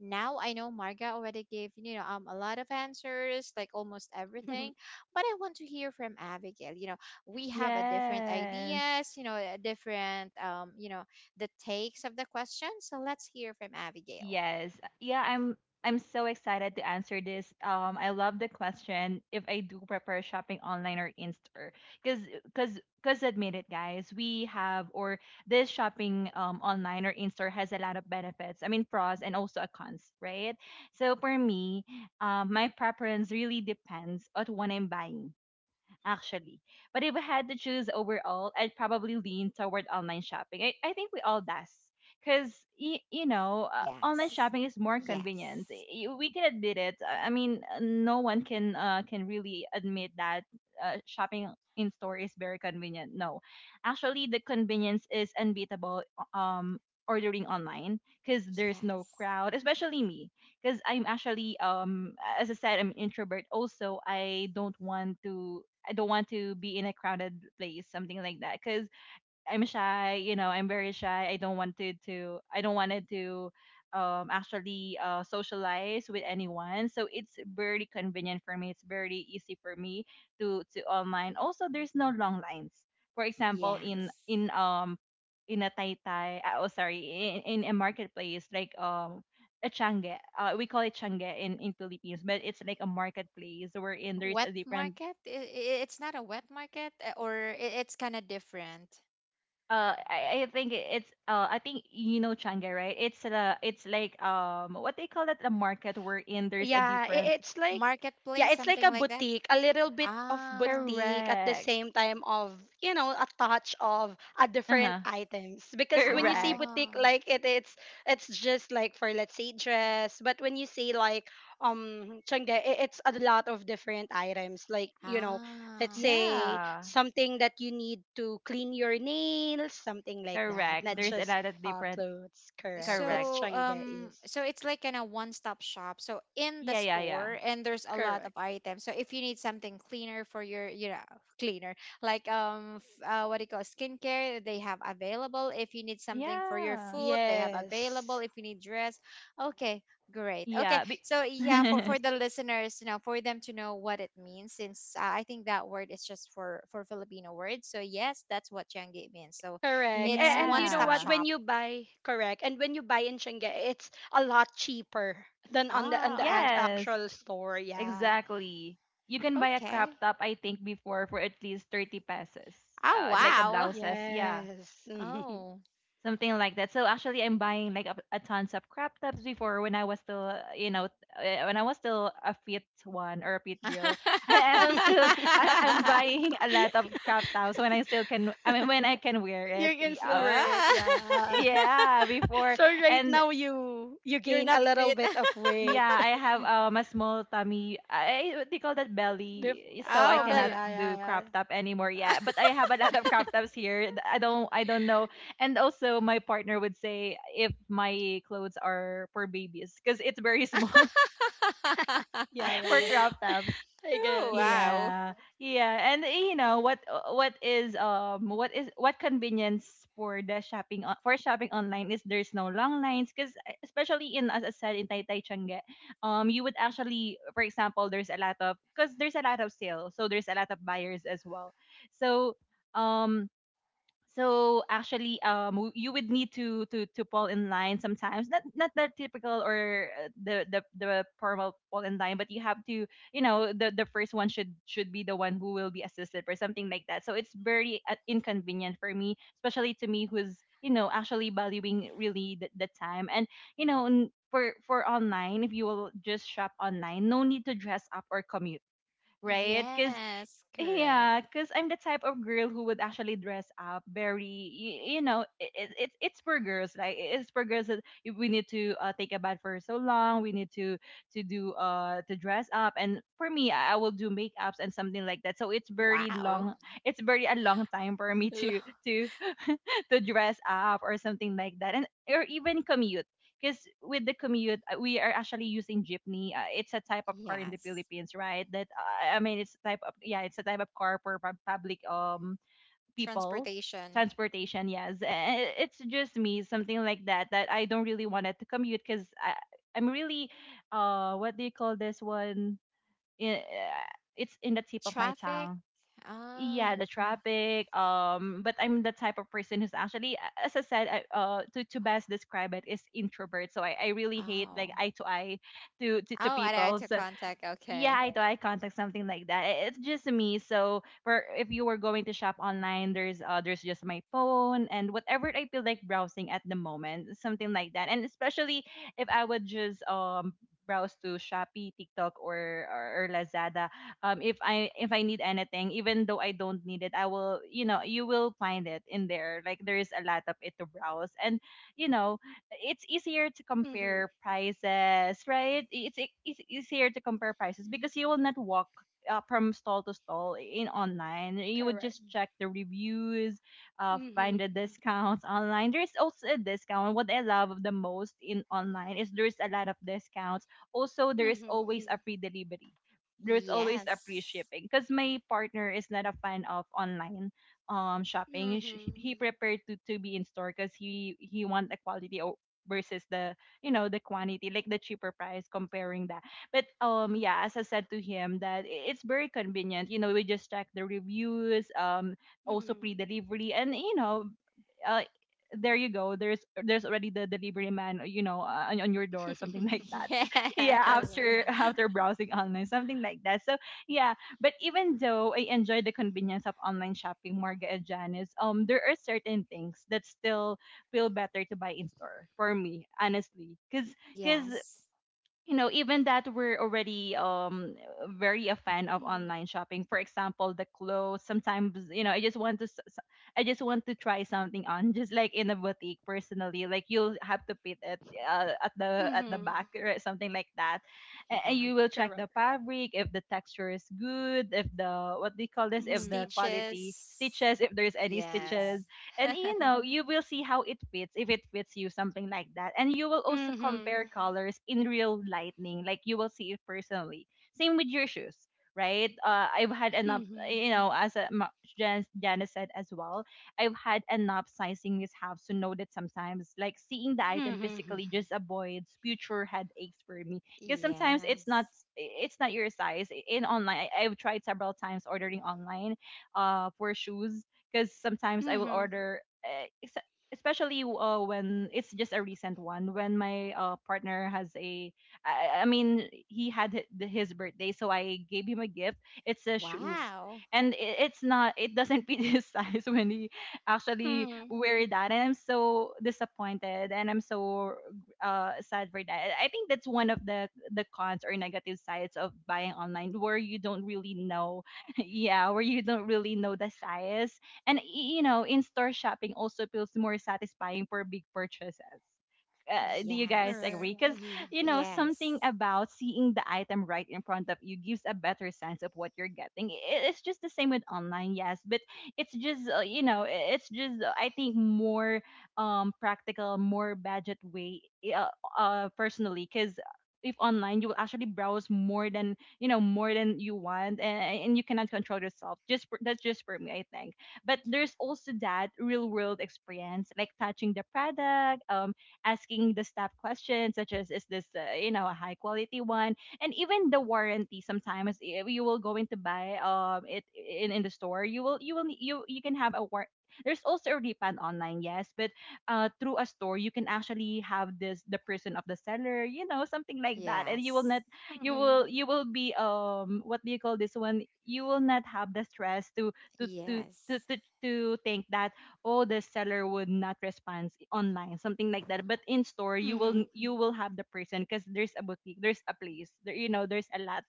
A: Now I know Marga already gave you know um a lot of answers like almost everything, but I want to hear from Abigail. You know, we have a different
C: Yes.
A: ideas, you know, a different um you know the takes of the question. So let's hear from Abigail.
C: Yes. Yeah, I'm I'm so excited to answer this. Um, I love the question if I do prepare shopping online or in store. Cuz cuz cuz admit it guys, we have or this shopping um online or in store has a lot of benefits. I mean, pros and also a cons, right? So for me, um my preference really depends on what I'm buying actually. But if I had to choose overall, I'd probably lean toward online shopping. I, I think we all does. Because, y- you know, uh,
A: Yes,
C: online shopping is more
A: yes,
C: convenient. Y- We can admit it. I I mean, uh, no one can uh, can really admit that uh, shopping in store is very convenient. No. Actually, the convenience is unbeatable um, ordering online because there's no
A: yes,
C: crowd, especially me because I'm actually um as I said, I'm an introvert. Also, I don't want to I don't want to be in a crowded place, something like that, because I'm shy, you know, I'm very shy. I don't wanted to I don't wanted to um actually uh socialize with anyone. So it's very convenient for me. It's very easy for me to to online. Also, there's no long lines. For example, in
A: yes.
C: in um in a tai tai uh, oh sorry, in, in a marketplace like um a change, uh, we call it change in, in Philippines, but it's like a marketplace wherein
A: Wet
C: there's a different
A: market? I- i- It's not a wet market, uh, or i- it's kind of different.
C: uh I, I think it's uh I think you know Changi, right? It's the it's like um what they call it, a market wherein there's a
B: yeah, I
C: different
B: it's like
A: Marketplace,
B: yeah, it's
A: something
B: like a
A: like that.
B: boutique, a little bit of
A: Ah,
B: boutique at the
C: correct.
B: same time of, you know, a touch of a different
C: Uh-huh.
B: items. Because when you see
C: Correct.
A: ah,
B: boutique like it it's it's just like for, let's say, dress. But when you see like um Changde, I it's a lot of different items like, you know, let's
A: ah,
B: say
C: Yeah.
B: something that you need to clean your nails, something like that.
C: Correct.
B: Not
C: There's
A: ah.
C: a
B: just
C: lot of
B: uh
C: different
B: clothes, correct.
C: correct.
B: That's
A: so
B: Changde
A: um
B: is.
A: so it's like kind of one stop shop, so in the
C: Yeah, yeah, yeah.
A: store and there's a lot of
B: Correct.
A: items. So if you need something cleaner for your, you know cleaner, like um f- uh, what do you call, skincare, they have available. If you need something for your
C: Yeah.
A: food, they have available.
B: Yes,
A: If you need dress, okay, great. Okay,
C: Yeah. Be-
A: so yeah, for for the listeners, you know for them to know what it means, since uh, I think that word is just for for Filipino words. So yes, that's what Changi means. So
B: correct.
A: it's
B: And, and
A: one
B: you know
A: stop
B: what?
C: yeah.
B: When
A: shop.
B: you buy, correct. And when you buy in Shenge, it's a lot cheaper than on the on the an-
A: Oh.
C: Yes.
B: actual store. Yeah.
C: Exactly. You can buy a
A: Okay.
C: crop top, I think, before for at least thirty pesos.
A: Oh,
C: Uh, like a
A: wow.
C: blouses. Yeah,
B: Yes. Mhm.
A: Oh.
C: something like that. So actually, I'm buying like a, a tons of crop tops before when I was still, uh, you know, uh, when I was still a fit one or a fit girl. I'm still, I, I'm buying a lot of crop tops when I still can. I mean, when I can wear
B: You
C: it.
B: can still
C: Yeah,
B: wear it. Yeah.
A: Ah.
C: yeah, before,
B: So right
C: and
B: now you you
A: You're
B: gain
A: not
B: a little
A: fit.
B: bit of
C: yeah,
B: weight.
C: I have um a small tummy. I What they call that
B: Before.
C: belly, so I
A: Oh,
B: Yeah,
C: cannot
A: but
B: yeah,
C: do
B: yeah,
C: crop top anymore. Yeah, but I have a lot of crop tops here. Th- I don't, I don't know. And also, my partner would say if my clothes are for babies, because it's very small
B: yeah, yeah, yeah,
C: for crop
B: yeah.
C: tops.
B: I get
A: Oh,
B: it.
A: wow.
C: Yeah, yeah, and you know what, uh, what is um what is what convenience for the shopping, on, for shopping online, is there's no long lines, because especially, in, as I said, in Taytay Changge, um you would actually, for example, there's a lot of, because there's a lot of sale, so there's a lot of buyers as well. So, um so actually um w- you would need to to to fall in line sometimes, not not the typical, or uh, the the the formal fall in line, but you have to, you know, the the first one should should be the one who will be assisted, or something like that. So it's very, uh, inconvenient for me, especially to me who's, you know, actually valuing really the, the time. And you know, n- for for online, if you will just shop online, no need to dress up or commute, right? Because,
A: Yes, correct.
C: yeah, because I'm the type of girl who would actually dress up very, you, you know, it, it, it's it's for girls. Like, i- it's for girls, that if we need to, uh, take a bath for so long. We need to to do uh to dress up. And for me, I, I will do makeups and something like that. So it's very
A: Wow.
C: long. It's very a long time for me to,
A: Lo-
C: to to dress up, or something like that, and or even commute. Because with the commute, uh, we are actually using jeepney. Uh, it's a type of car in the
A: Yes.
C: Philippines, right? That, uh, I mean, it's a type of, yeah, it's a type of car for pub- public, um people
A: Transportation.
C: transportation. Yes. Uh, it's just me, something like that, that I don't really wanted to commute, because I'm really, uh what do you call this one? I- uh, It's in the
A: The
C: tip of my
A: traffic.
C: tongue. Yeah,
A: Oh.
C: the traffic. Um but I'm the type of person who's actually, a- as I said, I, uh to, to best describe it, is introvert. So I, I really hate like
A: Oh.
C: eye to eye to to, to
A: Oh, I had
C: people.
A: to
C: So,
A: contact. Okay.
C: yeah, I to I contact, something like that. I- It's just me. So, for if you were going to shop online, there's, uh, there's just my phone and whatever I feel like browsing at the moment, something like that. And especially if I would just, um browse to Shopee, TikTok, or or, or Lazada. Um, if I if I need anything, even though I don't need it, I will you know you will find it in there. Like, there is a lot of it to browse, and, you know it's easier to
B: Mm-hmm.
C: compare prices, right? It's, e- it's easier to compare prices, because you will not walk, uh, from stall to stall in online. You would
B: Correct.
C: just check the reviews, uh, find the
B: Mm-hmm.
C: discounts online. There's also a discount. What I love the most in online is, there's a lot of discounts. Also, there is
B: Mm-hmm.
C: always a free delivery. There's always a free
A: Yes.
C: shipping, because my partner is not a fan of online, um shopping. Sh-
B: Mm-hmm.
C: he prepared to, to be in store, because he he want a quality, o- versus the, you know the quantity, like the cheaper price, comparing that. But, um yeah, as I said to him that, i- it's very convenient. You know, we just check the reviews. Um also
B: Mhm.
C: pre-delivery. And, you know uh, there you go. There's there's already the delivery man, you know, uh, on, on your door, something like that. Yeah,
A: Yes.
C: after
B: Correct.
C: after browsing online, something like that. So, yeah, but even though I enjoy the convenience of online shopping, Marga and Janice, um, there are certain things that still feel better to buy in store for me, honestly, because, because
A: Yes.
C: you know, even that we're already, um very a fan of
B: Mhm.
C: online shopping. For example, the clothes. Sometimes, you know, I just want to, s- s- I just want to try something on, just like in a boutique. Personally, like you'll have to fit it, uh, at
B: Mhm.
C: the at the back, or something like that, and, and
A: Yeah.
C: you
B: Correct.
C: will check the fabric, if the texture is good, if, the what do you call this, if
B: Mhm.
C: the quality
A: Stitches.
C: stitches, if there's any, yeah,
A: Yes.
C: stitches, and you know, you will see how it fits, if it fits you, something like that, and you will also
B: Mhm.
C: compare colors in real lightning, like you will see it personally. Same with your shoes, right? uh, I've had enough,
B: Mhm.
C: you know, as, a, ma- Jan- Janice said as well, I've had enough sizing mishaps to know that sometimes, like, seeing the item
B: Mhm.
C: physically just avoids future headaches for me. Because sometimes it's
A: Yes.
C: not it's not your size in online. I- I've tried several times ordering online, uh for shoes, because sometimes I will
B: Mhm.
C: order, eh, ex- especially, uh, when it's just a recent one, when my, uh, partner has a, I, I mean, he had, hi- the- his birthday, so I gave him a gift. It's a shoes.
A: Wow.
C: And, i- it's not, it doesn't fit his size when he actually
B: Mhm.
C: wear that. And I'm so disappointed, and I'm so, uh, sad for that. I think that's one of the the cons or negative sides of buying online, where you don't really know, yeah, where you don't really know the size, and, y- you know, in-store shopping also feels more satisfying for big purchases. Uh, do you guys
A: Yes.
C: agree?
B: Correct.
C: Because,
B: Mhm.
C: you know, something
A: Yes.
C: about seeing the item right in front of you gives a better sense of what you're getting. I- It's just the same with online, yes, but it's just uh, you know, I- it's just uh, I think more, um practical, more budget way, uh, uh personally, because if online, you will actually browse more than, you know more than you want, and, and you cannot control yourself, just for, that's just for me, I think. But there's also that real world experience, like touching the product, um, asking the staff questions, such as, is this, uh, you know, a high quality one? And even the warranty, sometimes, if you will go in to buy, um it in, in the store, you will, you will you you can have a war. There's also a refund online, yes, but, uh, through a store, you can actually have this the person of the seller, you know, something like that, and you will
A: Yes.
C: not, you will
B: Mhm.
C: you will be, um what do you call this one, you will not have the stress to, to to to
A: Yes.
C: to, to think that, oh, the seller would not respond online, something like that. But in store, you will
B: Mhm.
C: you will have the person, because there's a boutique, there's a place there, you know, there's a lot,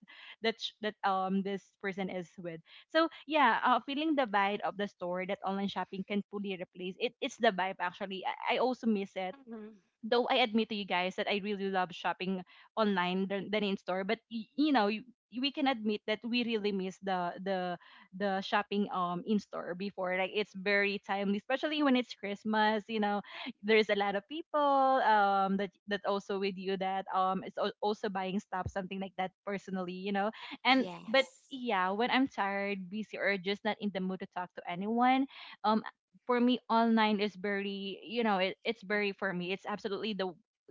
C: that sh- that, um this person is with. So, yeah, uh, feeling the vibe of the store that online shopping can fully replace it, it's the vibe, actually. I, I also miss it,
B: Mhm.
C: though I admit to you guys that I really love shopping online than, than in store, but, y- you know y- we can admit that we really miss the, the the shopping, um in store before. Like, it's very timely, especially when it's Christmas. You know, there's a lot of people, um that that also with you, that, um is, al- also buying stuff, something like that, personally, you know. And, but,
A: Yes.
C: yeah, when I'm tired, busy, or just not in the mood to talk to anyone, um for me, online is very, you know, it, it's very, for me, it's absolutely the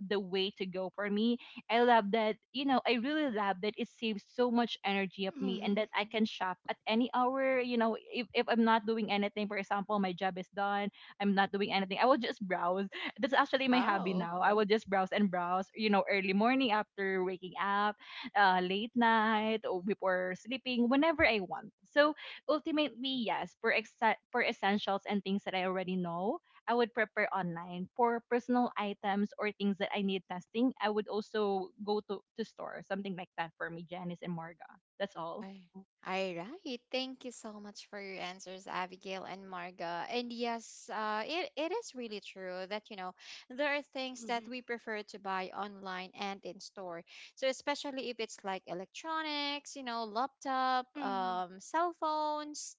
C: the way to go for me. I love that, you know, I really love that. It saves so much energy of me, and that
B: Mhm.
C: I can shop at any hour, you know, if, if I'm not doing anything, for example, my job is done, I'm not doing anything, I will just browse. That's actually my hobby
A: Oh.
C: now. I will just browse and browse, you know, early morning after waking up, uh, late night or before sleeping, whenever I want. So, ultimately, yes, for exa- for essentials and things that I already know, I would prepare online. For personal items or things that I need testing, I would also go to to store, something like that, for me, Janice and Marga. That's
A: All
C: all.
A: right. Thank you so much for your answers, Abigail and Marga. And yes, uh, it, it is really true that, you know, there are things that
B: Mhm.
A: we prefer to buy online and in store. So, especially if it's like electronics, you know, laptop,
B: Mhm.
A: um, cell phones,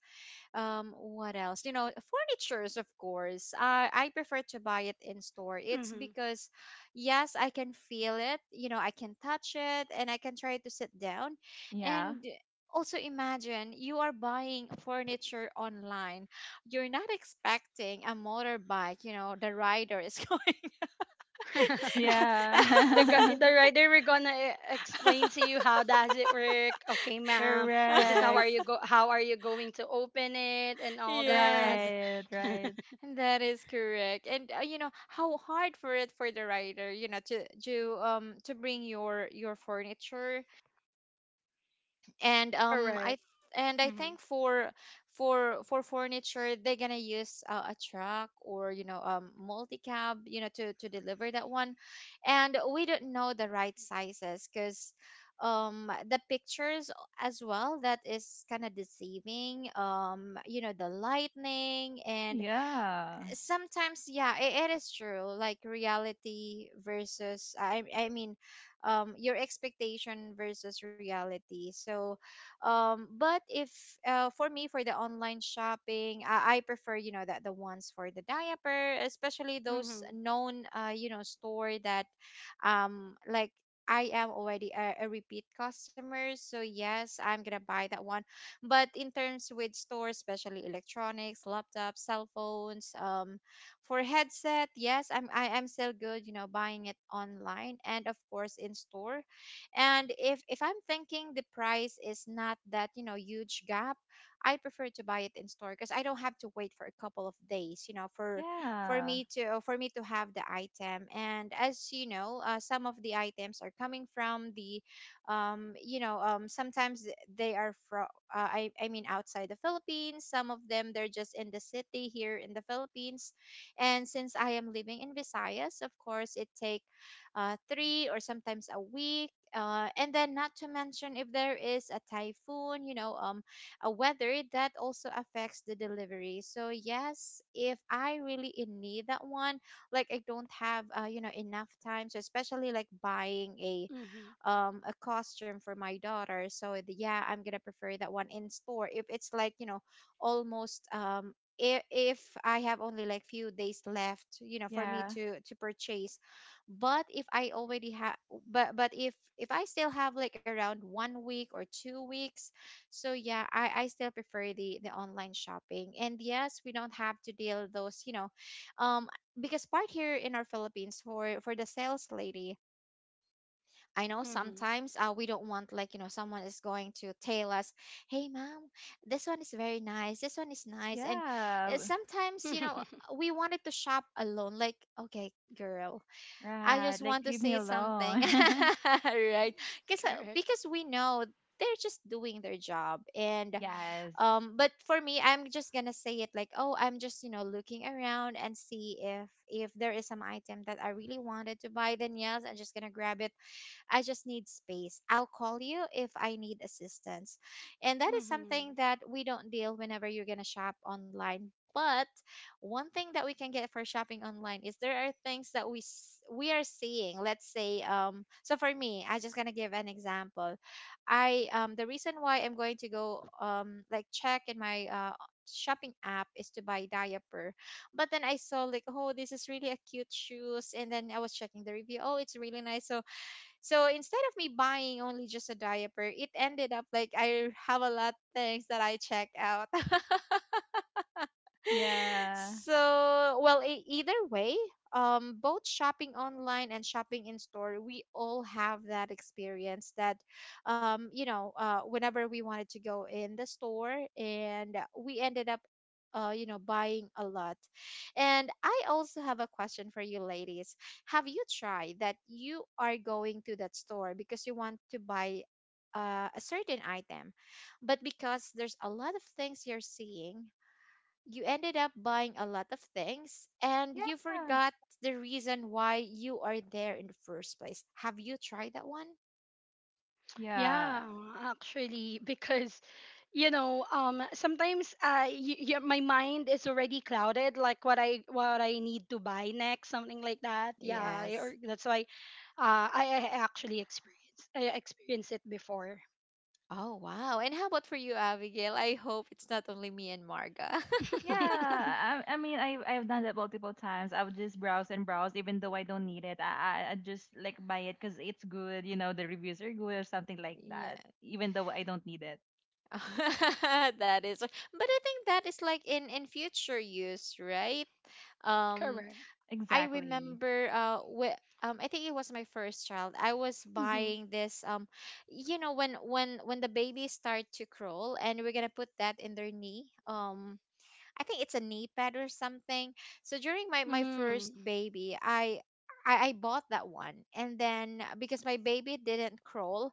A: um what else, you know, furnitures. Of course uh, I prefer to buy it in store. It's
B: Mhm.
A: because yes, I can feel it, you know, I can touch it, and I can try to sit down.
C: Yeah.
A: And also imagine you are buying furniture online. You're not expecting a motorbike, you know the rider is going.
B: The gu-
C: Yeah,
B: the rider we're gonna e- explain to you how does it work. Okay, ma'am. This is how are
C: correct.
B: you go how are you going to open it and all that.
A: Yes,
C: Right, right.
A: that is correct. And uh, you know how hard for it for the rider, you know, to do um to bring your your furniture. and um i th-
B: Correct.
A: and I think
B: Mhm.
A: for for for furniture they're gonna use uh, a truck or you know um multi cab, you know to to deliver that one. And we don't know the right sizes because um the pictures as well, that is kind of deceiving. Um you know the lightning, and
C: Yeah.
A: sometimes, yeah, it, it is true, like reality versus i i mean um your expectation versus reality. So um but if uh for me, for the online shopping, i, I prefer, you know, that the ones for the diaper, especially those
B: Mhm.
A: known uh you know store that um like I am already a, a repeat customer. So yes, I'm gonna buy that one. But in terms with stores, especially electronics, laptops, cell phones, um, for headset, yes, I'm I am still good, you know, buying it online and of course in store. And if if I'm thinking the price is not that, you know, huge gap, I prefer to buy it in store because I don't have to wait for a couple of days, you know, for for
C: Yeah.
A: me to, uh, for me to have the item. And as you know, uh, some of the items are coming from the, um, you know, um, sometimes th- they are from uh, I, I mean outside the Philippines. Some of them they're just in the city here in the Philippines. And since I am living in Visayas, of course it take uh, three or sometimes a week. Uh, and then not to mention if there is a typhoon, you know um a weather that also affects the delivery. So yes, if I really in need that one, like I don't have uh, you know enough time. So especially like buying a
B: Mhm.
A: um a costume for my daughter, so the, yeah, I'm gonna prefer that one in store if it's like, you know, almost, um if, if I have only like few days left, you know for me
C: Yeah.
A: to to purchase. but if i already have but but if if I still have like around one week or two weeks, so yeah, i i still prefer the the online shopping. And yes, we don't have to deal those, you know um because part here in our Philippines for for the sales lady. I know
B: Mhm.
A: sometimes uh, we don't want, like, you know someone is going to tell us, "Hey, mom, this one is very nice. This one is nice." And
C: Yeah.
A: uh,
C: w-
A: sometimes you know we wanted to shop alone. Like, okay, girl, I
C: Right.
A: just
C: Like,
A: want to
C: leave me
A: see something,
C: alone.
A: right? Because
B: Correct.
A: because we know they're just doing their job, and
C: Yes.
A: um but for me, I'm just gonna say it like, oh, I'm just, you know, looking around and see if if there is some item that I really wanted to buy, then yes, I'm just gonna grab it. I just need space. I'll call you if I need assistance. And that is
B: Hmm.
A: something that we don't deal whenever you're going to shop online. But one thing that we can get for shopping online is there are things that we s- we are seeing. Let's say, um, so for me, I just gonna give an example. I um The reason why I'm going to go, um like, check in my uh shopping app is to buy diaper. But then I saw, like, oh, this is really a cute shoes, and then I was checking the review, oh, it's really nice. So, so instead of me buying only just a diaper, it ended up like I have a lot things that I check out.
C: Yeah.
A: So well, e- either way, um both shopping online and shopping in store, we all have that experience that, um you know uh whenever we wanted to go in the store and we ended up, uh you know buying a lot. And I also have a question for you ladies. Have you tried that you are going to that store because you want to buy uh, a certain item, but because there's a lot of things you're seeing, you ended up buying a lot of things and you
C: Yeah.
A: forgot the reason why you are there in the first place. Have you tried that one?
C: Yeah.
B: Yeah, actually, because you know, um, sometimes uh, y- y- my mind is already clouded, like what I what I need to buy next, something like that. Yeah,
A: Yes.
B: or that's why uh, I, I actually experienced I experienced it before.
A: Oh, wow. And how about for you, Abigail? I hope it's not only me and Marga.
C: Yeah. I, I mean, I, I've done that multiple times. I would just browse and browse, even though I don't need it. I, I, I just like buy it because it's good. You know, the reviews are good or something like that,
A: Yeah.
C: even though I don't need it.
A: That is. But I think that is like in in future use, right? Um,
B: Correct.
A: I
C: Exactly.
A: remember uh wh- um I think it was my first child. I was
B: Mm-hmm.
A: buying this, um you know when when when the babies start to crawl and we're going to put that in their knee. Um I think it's a knee pad or something. So during my my first
B: Mm.
A: baby, I I, I bought that one, and then because my baby didn't crawl,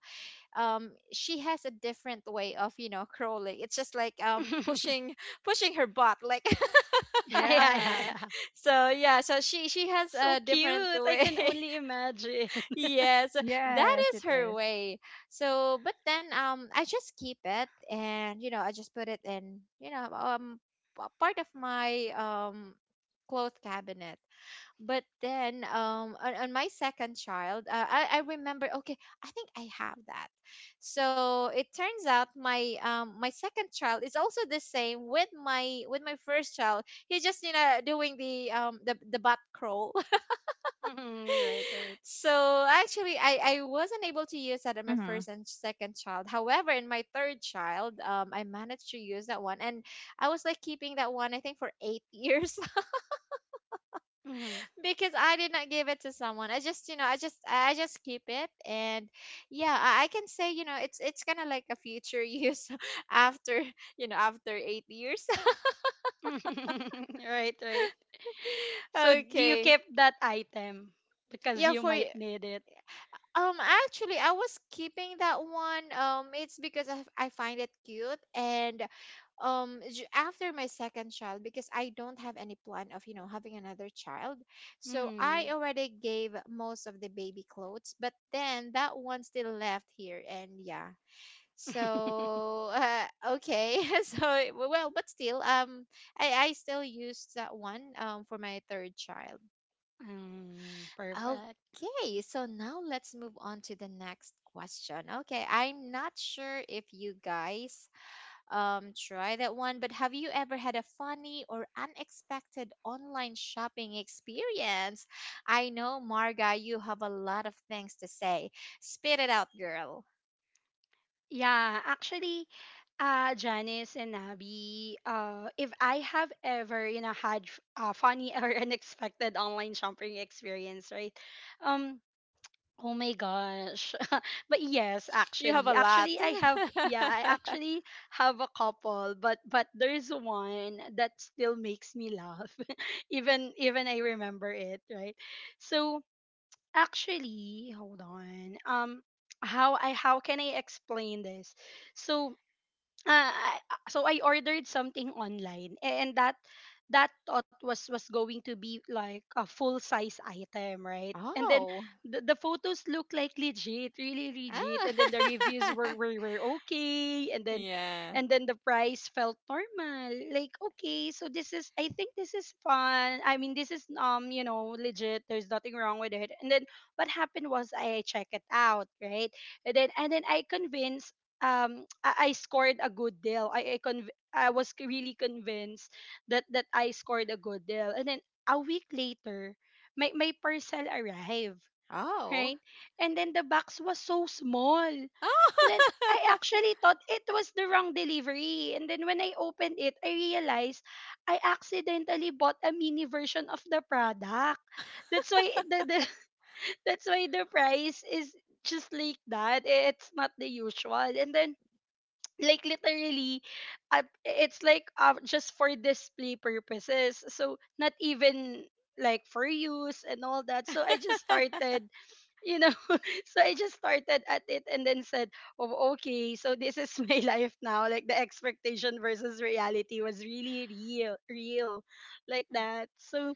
A: um she has a different way of, you know, crawling. It's just like um pushing pushing her butt like
B: Yeah, yeah, yeah,
C: Yeah.
B: yeah.
A: so yeah, so she she has a
B: So
A: different
B: cute. I
A: way.
B: can only imagine.
A: Yes, that
C: Yes,
A: is
C: it
A: her
C: is.
A: way. So, but then um I just keep it, and, you know, I just put it in, you know, um p- part of my um cloth cabinet. But then um on, on my second child, uh, I I remember, okay, I think I have that. So, it turns out my um my second child is also the same with my with my first child. He's just, you know, doing the um the the butt crawl.
B: Mhm, right, right.
A: So actually, I I wasn't able to use that in my
C: Mm-hmm.
A: first and second child. However, in my third child, um, I managed to use that one, and I was like keeping that one I think for eight years.
B: Mhm.
A: Because I did not give it to someone. I just you know I just I just keep it, and yeah, I, I can say, you know it's it's kind of like a future use after you know after eight years.
B: Right, right. So do you
A: Okay,
B: keep that item because
A: yeah,
B: you
A: for
B: might
A: y-
B: need it?
A: um actually I was keeping that one. Um, it's because I I find it cute and um j- after my second child, because I don't have any plan of, you know, having another child. So I
B: Mm.
A: already gave most of the baby clothes, but then that one still left here. And yeah. So uh, okay. So, well, but still um I I still used that one um for my third child.
B: Mm, perfect.
A: Okay, so now let's move on to the next question. Okay, I'm not sure if you guys um, try that one. But have you ever had a funny or unexpected online shopping experience? I know, Marga, you have a lot of things to say. Spit it out, girl.
B: Yeah, actually, uh, Janice and Abby, uh, if I have ever, you know, had f- a funny or unexpected online shopping experience, right? Um, Oh my gosh. But yes,
A: You have a
B: actually.
A: lot.
B: Actually I have, yeah, I actually have a couple, but but there's one that still makes me laugh even even I remember it, right? So actually, hold on. Um how I how can I explain this? So uh, I- ah, so I ordered something online and that that thought was was going to be like a full size item, right? And then
A: Oh.
B: the, the photos look like legit, really legit, and then the reviews were,
A: Ah.
B: were were okay, and then
A: Yeah.
B: and then the price felt normal. Like, okay, so this is, I think this is fun I mean this is, um you know, legit, there's nothing wrong with it. And then what happened was I check it out, right? And then and then I convinced um I, I scored a good deal. I I, conv- I was c- really convinced that that I scored a good deal. And then a week later, my my parcel arrived,
A: Oh.
B: right? And then the box was so small. And then
A: Oh.
B: I actually thought it was the wrong delivery. And then when I opened it, I realized I accidentally bought a mini version of the product. That's why the, the that's why the price is just like that. It's not the usual. And then like literally uh, it's like uh, just for display purposes, so not even like for use and all that. So I just started, you know, so I just started at it and then said, oh okay, so this is my life now. Like the expectation versus reality was really real real, like that. So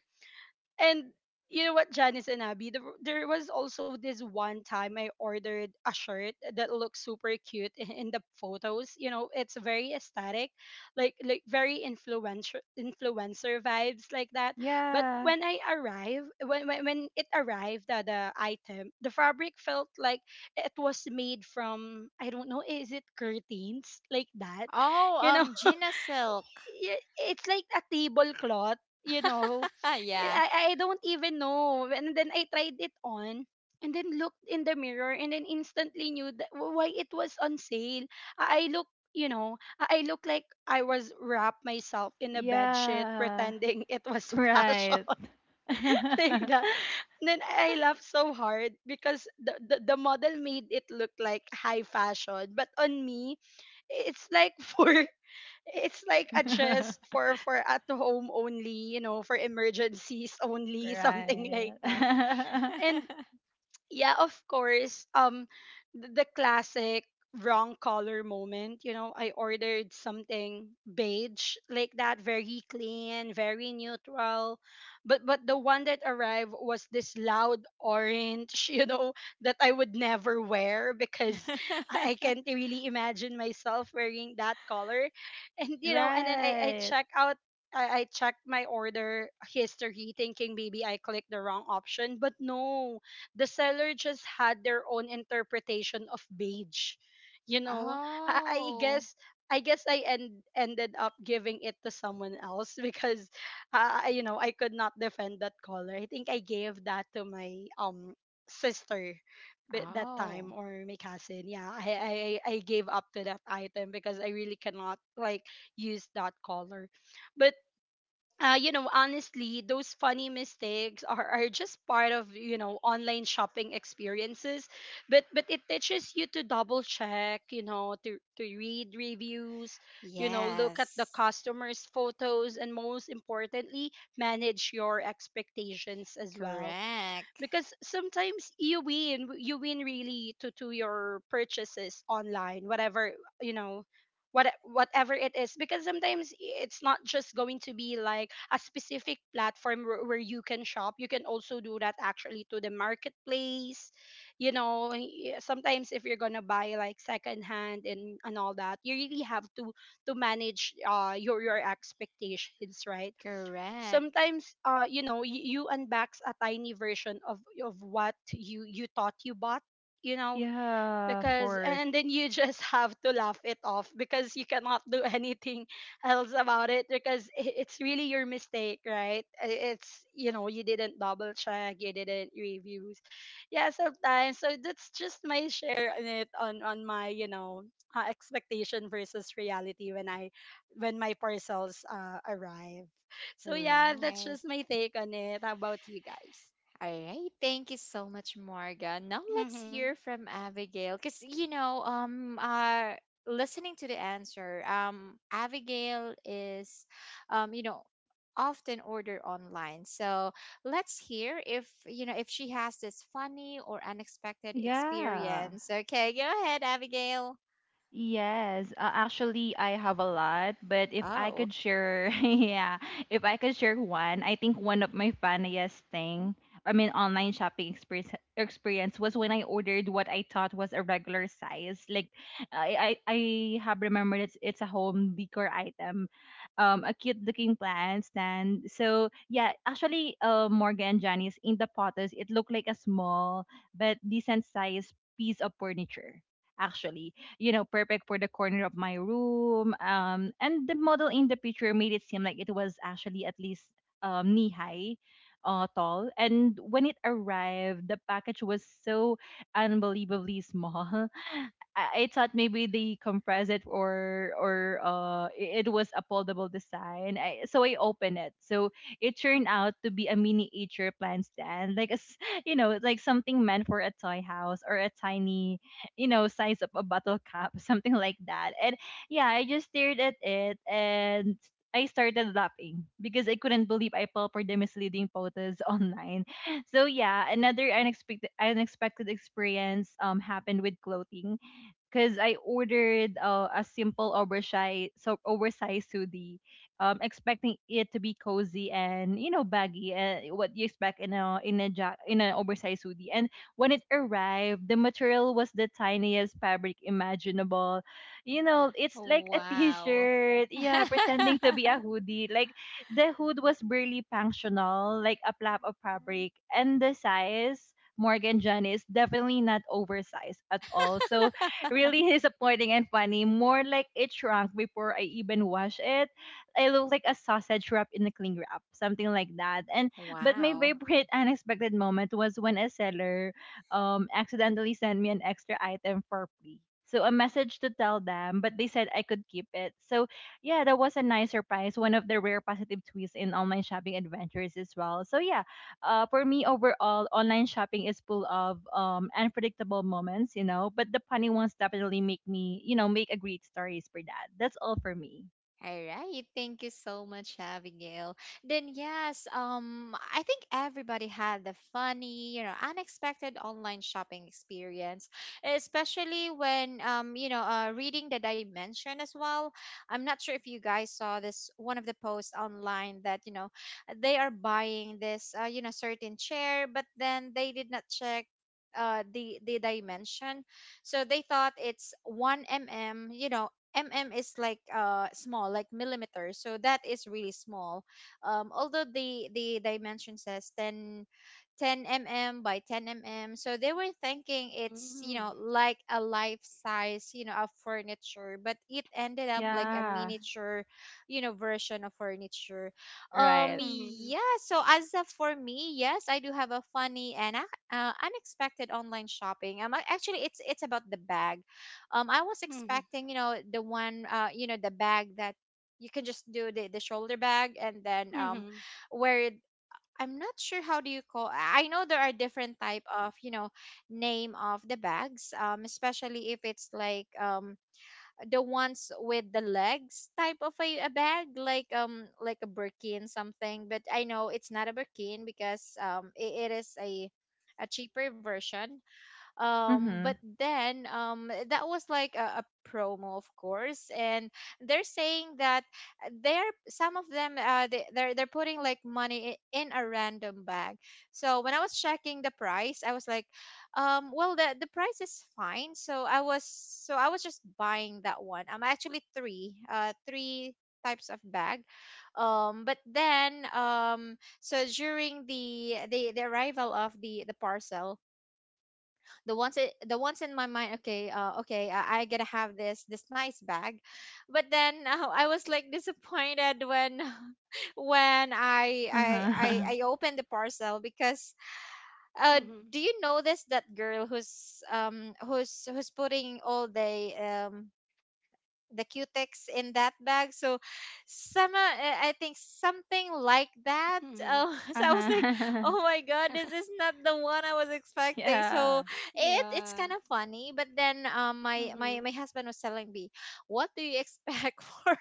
B: and you know what, Janice and Abby, there, w- there was also this one time I ordered a shirt that looks super cute in, in the photos. You know, it's very aesthetic, like like very influencer influencer vibes like that. But
C: Yeah.
B: when I arrived, when when, when it arrived at the item, the fabric felt like it was made from, I don't know, is it curtains like that?
A: Oh,
B: You know,
A: um, Gina Silk.
B: y- it's like a tablecloth, you know. Y-
A: Yeah.
B: I, I don't even know. And then I tried it on and then looked in the mirror and then instantly knew that wh- why it was on sale. I I look, you know, I I look like I was wrapped myself in a bed sheet
C: Yeah.
B: pretending it was fashion.
C: Right.
B: Like that. And then I laughed so hard because the, the, the model made it look like high fashion. But on me, it's like for it's like a dress for for at home only, you know, for emergencies only, something like
C: Right.
B: that.
C: Right.
B: And yeah, of course. Um, the, the classic wrong color moment. You know, I ordered something beige, like that, very clean, very neutral, but but the one that arrived was this loud orange. You know, that I would never wear because I, I can't really imagine myself wearing that color. And you know, and then I I
C: Right.
B: check out. I I checked my order history thinking maybe I clicked the wrong option, but no, the seller just had their own interpretation of beige. You know, I, I
A: Oh.
B: guess I guess I end, ended up giving it to someone else because, uh, I- you know, I could not defend that color. I think I gave that to my um sister bi- that time,
A: Oh.
B: or my cousin. Yeah, I, I i I gave up to that item because I really cannot like use that color. But uh, you know, honestly, those funny mistakes are, are just part of, you know, online shopping experiences, but but it teaches you to double check, you know, to to read reviews, you know, look at the
A: Yes.
B: customers' photos, and most importantly, manage your expectations as well,
A: Correct.
B: because sometimes you win, you win really to to your purchases online, whatever, you know, what whatever it is. Because sometimes it's not just going to be like a specific platform where, where you can shop. You can also do that actually to the marketplace, you know. Y- sometimes if you're gonna buy like secondhand and and all that, you really have to to manage uh your your expectations, right?
A: Correct.
B: Sometimes uh you know, you, you unbox a tiny version of of what you you thought you bought, you know,
C: Yeah, of
B: because
C: course.
B: and then you just have to laugh it off because you cannot do anything else about it, because i- it's really your mistake, right? I- it's, you know, you didn't double check, you didn't reviews, yeah sometimes. So that's just my share on it, on on my, you know, uh, expectation versus reality when I when my parcels uh, arrive. So yeah, that's
A: Right.
B: just my take on it. How about you guys?
A: All right, thank you so much, Marga. Now let's
B: Mm-hmm.
A: hear from Abigail. Cause you know, um uh listening to the answer, um Abigail is, um, you know, often order online. So let's hear if, you know, if she has this funny or unexpected
C: Yeah.
A: experience. Okay, go ahead, Abigail.
C: Yes, uh, actually, I have a lot, but if I
A: Oh.
C: could share, yeah, if I could share one, I think one of my funniest thing, I mean, online shopping experience experience was when I ordered what I thought was a regular size. Like, I I, I have remembered it's it's a home decor item, um, a cute looking plant stand. So yeah, actually, uh, Morgan, Janice, in the photos, it looked like a small but decent size piece of furniture actually, you know, perfect for the corner of my room. Um, and the model in the picture made it seem like it was actually at least um, knee high. Uh, tall, and when it arrived the package was so unbelievably small. I, I thought maybe they compressed it or or uh i- it was a foldable design. I, so I opened it. So it turned out to be a miniature plant stand, like a s- you know, like something meant for a toy house or a tiny, you know, size of a bottle cap, something like that. And yeah, I just stared at it and I started laughing because I couldn't believe I fell for the misleading photos online. So yeah, another unexpected unexpected experience um happened with clothing because I ordered uh, a simple oversized so oversized hoodie, um, expecting it to be cozy and, you know, baggy, uh, what you expect in a in a ja- in an oversized hoodie. And when it arrived, the material was the tiniest fabric imaginable. You know, it's like a
A: Wow.
C: t-shirt, yeah, pretending to be a hoodie. Like, the hood was barely functional, like a flap of fabric, and the size, Morgan, John, is definitely not oversized at all. So really disappointing and funny. More like it shrunk before I even washed it. I look like a sausage wrapped in a cling wrap, something like that. And but my
A: Wow.
C: favorite unexpected moment was when a seller um accidentally sent me an extra item for free. So a message to tell them, but they said I could keep it. So yeah, that was a nice surprise. One of the rare positive twists in online shopping adventures as well. So yeah, uh, for me, overall online shopping is full of um, unpredictable moments, you know, but the funny ones definitely make me, you know, make a great stories for that. That's all for me.
A: All right, thank you so much, Abigail. Then yes, um, I think everybody had the funny, you know, unexpected online shopping experience, especially when, um, you know, uh, reading the dimension as well. I'm not sure if you guys saw this, one of the posts online that, you know, they are buying this, uh, you know, certain chair, but then they did not check. Uh, the the dimension, so they thought it's one m m. You know, mm is like uh small, like millimeters, so that is really small. Um although the the dimension says ten, ten mm by ten m m, so they were thinking it's,
B: Hmm.
A: you know, like a life size, you know, of furniture, but it ended up like a
C: Yeah.
A: miniature, you know, version of furniture. Um
C: Right.
B: Hmm.
A: yeah, so, as a, for me, yes, I do have a funny and ac- uh, unexpected online shopping, um ac- actually, it's it's about the bag. um I was expecting, you know, the one, uh you know, the bag that you can just do the, the shoulder bag, and then um
B: Hmm.
A: where it- I'm not sure how do you call, i I know there are different type of, you know, name of the bags, um especially if it's like, um the ones with the legs type of a, a bag, like, um like a Birkin something, but I know it's not a Birkin, because um it, it is a a cheaper version. Um but
C: Mm-hmm.
A: then, um that was like a, a promo, of course. And they're saying that they're some of them, uh they, they're they're putting like money i- in a random bag. So when I was checking the price, I was like, um well, the the price is fine. So i was so I was just buying that one. I'm actually three uh three types of bag. Um but then, um so during the the the arrival of the the parcel, the ones i- the ones in my mind, okay, uh, okay, I, I gotta have this this nice bag. But then uh, I was like disappointed when when i i i,
C: Uh-huh.
A: I opened the parcel, because uh
B: Hmm.
A: do you notice that girl who's, um who's who's putting all the um the cutex in that bag? So some, uh, I I think something like that.
B: Mhm.
A: Um, so I was like,
C: Uh-huh.
A: oh my god, this is not the one I was expecting. So
C: Yeah.
A: it it's
B: Yeah.
A: kind of funny. But then, um, my my
B: Mhm.
A: my husband was telling me, what do you expect for?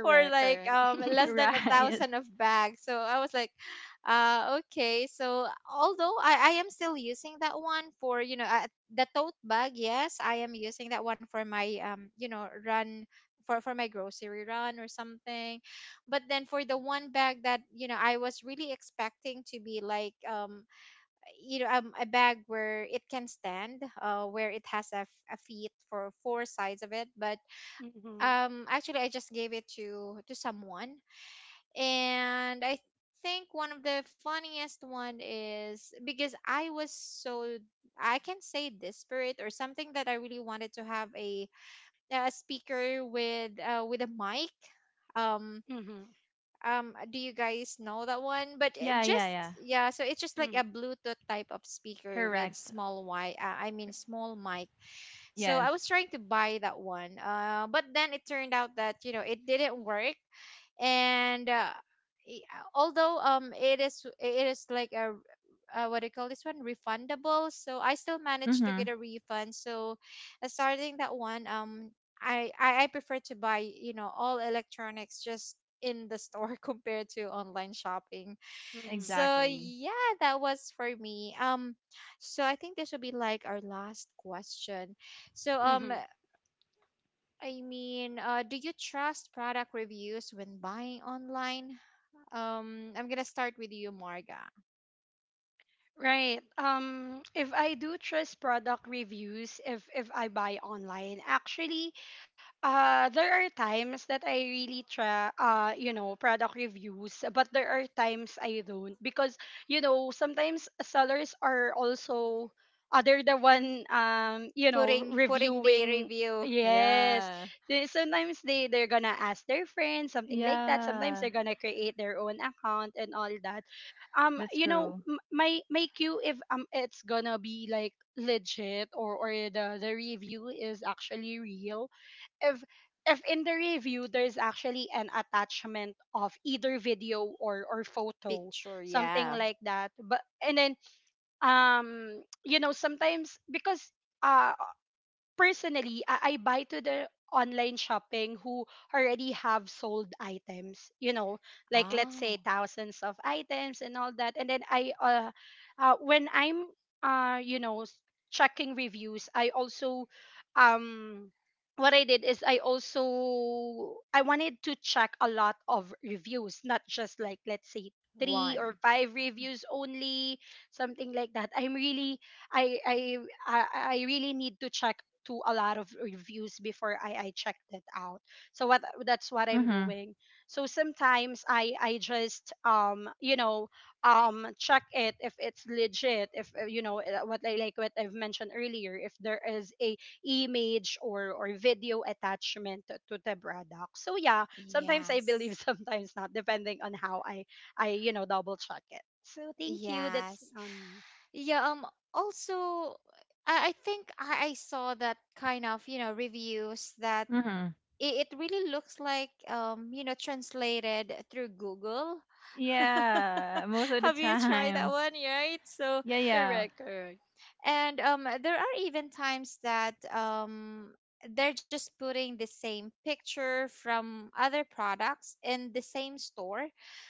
A: For like,
B: Correct.
A: um less than a
C: Right.
A: thousand of bags. So I was like, uh, okay. So although I, I am still using that one for, you know, uh, the tote bag, yes, I am using that one for my, um you know, run for for my grocery run or something. But then for the one bag that, you know, I was really expecting to be like, um you know um, a bag where it can stand, uh, where it has a, f- a feet for four sides of it, but
B: Mhm.
A: um actually I just gave it to to someone. And I think one of the funniest one is because I was so, I can say, desperate or something that I really wanted to have a a speaker with uh with a mic. um
B: Mhm.
A: um do you guys know that one? But it
C: Yeah, yeah,
A: just,
C: yeah.
A: yeah, so it's just like
B: Mhm.
A: a bluetooth type of speaker with
C: Correct.
A: small y uh, I mean small mic. So
C: Yes.
A: I was trying to buy that one, uh, but then it turned out that, you know, it didn't work. And uh, i- although um it is it is like a, uh, what do you call this one, refundable, so I still managed to get
C: Mm-hmm.
A: a refund. So uh, starting that one, um I I, I prefer to buy, you know, all electronics just in the store compared to online shopping. So
B: Mhm.
C: Exactly.
A: yeah, that was for me. Um, so I think this will be like our last question. So, um,
B: Mhm.
A: I mean, uh, do you trust product reviews when buying online? Um, I'm gonna start with you, Marga.
B: Right. Um if I do trust product reviews, if if I buy online, actually Uh, there are times that I really try, uh, you know, product reviews, but there are times I don't because, you know, sometimes sellers are also, uh, they're the one, um, you know,
A: Putting putting the
B: reviewing.
A: review,
B: Yes.
A: yeah.
B: They- sometimes they, they're gonna ask their friends, something like that. Sometimes
C: Yeah.
B: they're gonna create their own account and all that. Um,
C: That's
B: you know,
C: true.
B: m- my, my queue, if um, it's gonna be like legit, or, or the, the review is actually real, if if in the review there's actually an attachment of either video or or photo,
A: Picture,
B: something
A: yeah.
B: like that. But and then um you know, sometimes because uh, personally, I, I buy to the online shopping who already have sold items, you know, like let's
A: Oh,
B: say thousands of items and all that. And then I, uh, uh when I'm, uh, you know, s- checking reviews, I also, um, what I did is I also I wanted to check a lot of reviews, not just like let's say three
A: one,
B: or five reviews only, something like that. I'm really I I I I really need to check to a lot of reviews before I, I checked it out. So what that's what I'm
C: Mm-hmm.
B: doing. So sometimes I I just um you know um check it if it's legit, if uh, you know, uh, what I like what I've mentioned earlier, if there is a image or or video attachment to, to the product. So yeah, sometimes I
A: yes,
B: believe sometimes not, depending on how I I, you know, double check it. So thank you. That's
A: yes,
B: on
A: yeah. Um, also, I I think I I saw that kind of, you know, reviews that
C: Mm-hmm.
A: it, it really looks like, um you know, translated through Google.
C: Yeah, most of the
A: Have you tried that
C: time.
A: one? Right. So
C: Yeah,
B: correct, correct.
A: and um there are even times that um they're just putting the same picture from other products in the same store.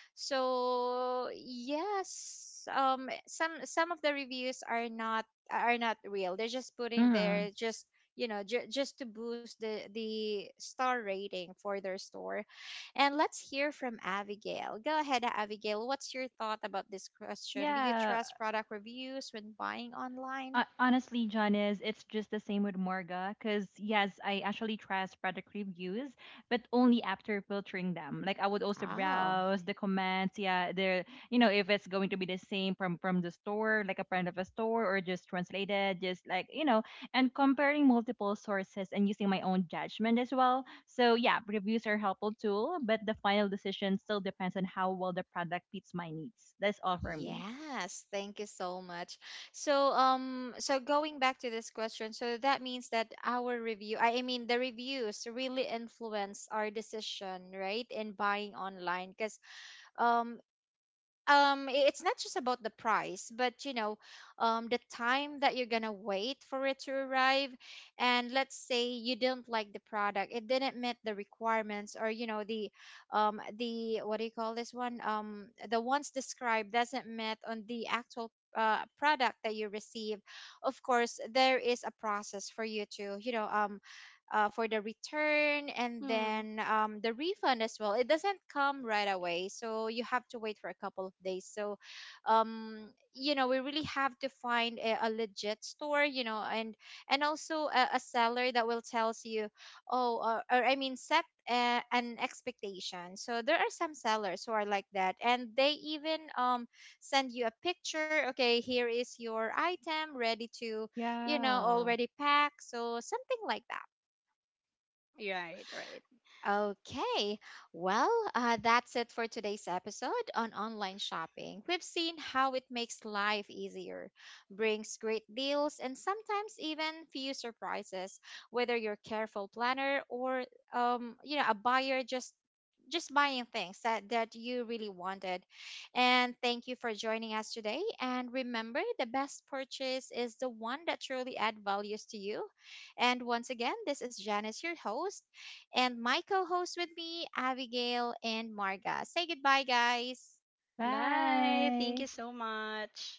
A: So yes, um, some some of the reviews are not, are not real. They're just putting
C: yeah.
A: there just, you know, ju- just to boost the the star rating for their store. And let's hear from Abigail. Go ahead, Abigail. What's your thought about this question? Do you
C: Yeah,
A: trust product reviews when buying online?
C: uh, honestly, Janice, it's just the same with Morga. Because, yes, I actually trust product reviews, but only after filtering them. Like, I would also
A: Wow.
C: browse the comments. Yeah, they're, you know, if it's going to be the same from from the store, like a friend of a store, or just translated, just like, you know, and comparing multiple sources and using my own judgment as well. So, yeah, reviews are helpful tool, but the final decision still depends on how well the product fits my needs. That's all for me.
A: Yes, thank you so much. So, um, so going back to this question, so that means that our review, I I mean, the reviews really influence our decision, right, in buying online. Because, um, um i- it's not just about the price, but, you know, um the time that you're gonna wait for it to arrive, and let's say you didn't like the product, it didn't meet the requirements, or, you know, the um the what do you call this one, um the ones described doesn't met on the actual, uh, product that you receive. Of course, there is a process for you to, you know, um uh, for the return, and
B: Hmm.
A: then, um, the refund as well. It doesn't come right away, so you have to wait for a couple of days. So, um, you know, we really have to find a, a legit store, you know, and and also a, a seller that will tells you, oh, or, or I mean, set a, an expectation. So there are some sellers who are like that, and they even um send you a picture. Okay, here is your item ready to, you know,
C: Yeah.
A: already packed. So something like that.
B: Right right.
A: Okay, well, uh, that's it for today's episode on online shopping. We've seen how it makes life easier, brings great deals, and sometimes even few surprises. Whether you're a careful planner or, um, you know, a buyer just just buying things that that you really wanted. And thank you for joining us today. And remember, the best purchase is the one that truly add values to you. And once again, this is Janice, your host, and my co host with me, Abigail and Marga. Say goodbye, guys.
B: Bye. Thank you
C: Bye.
B: so much.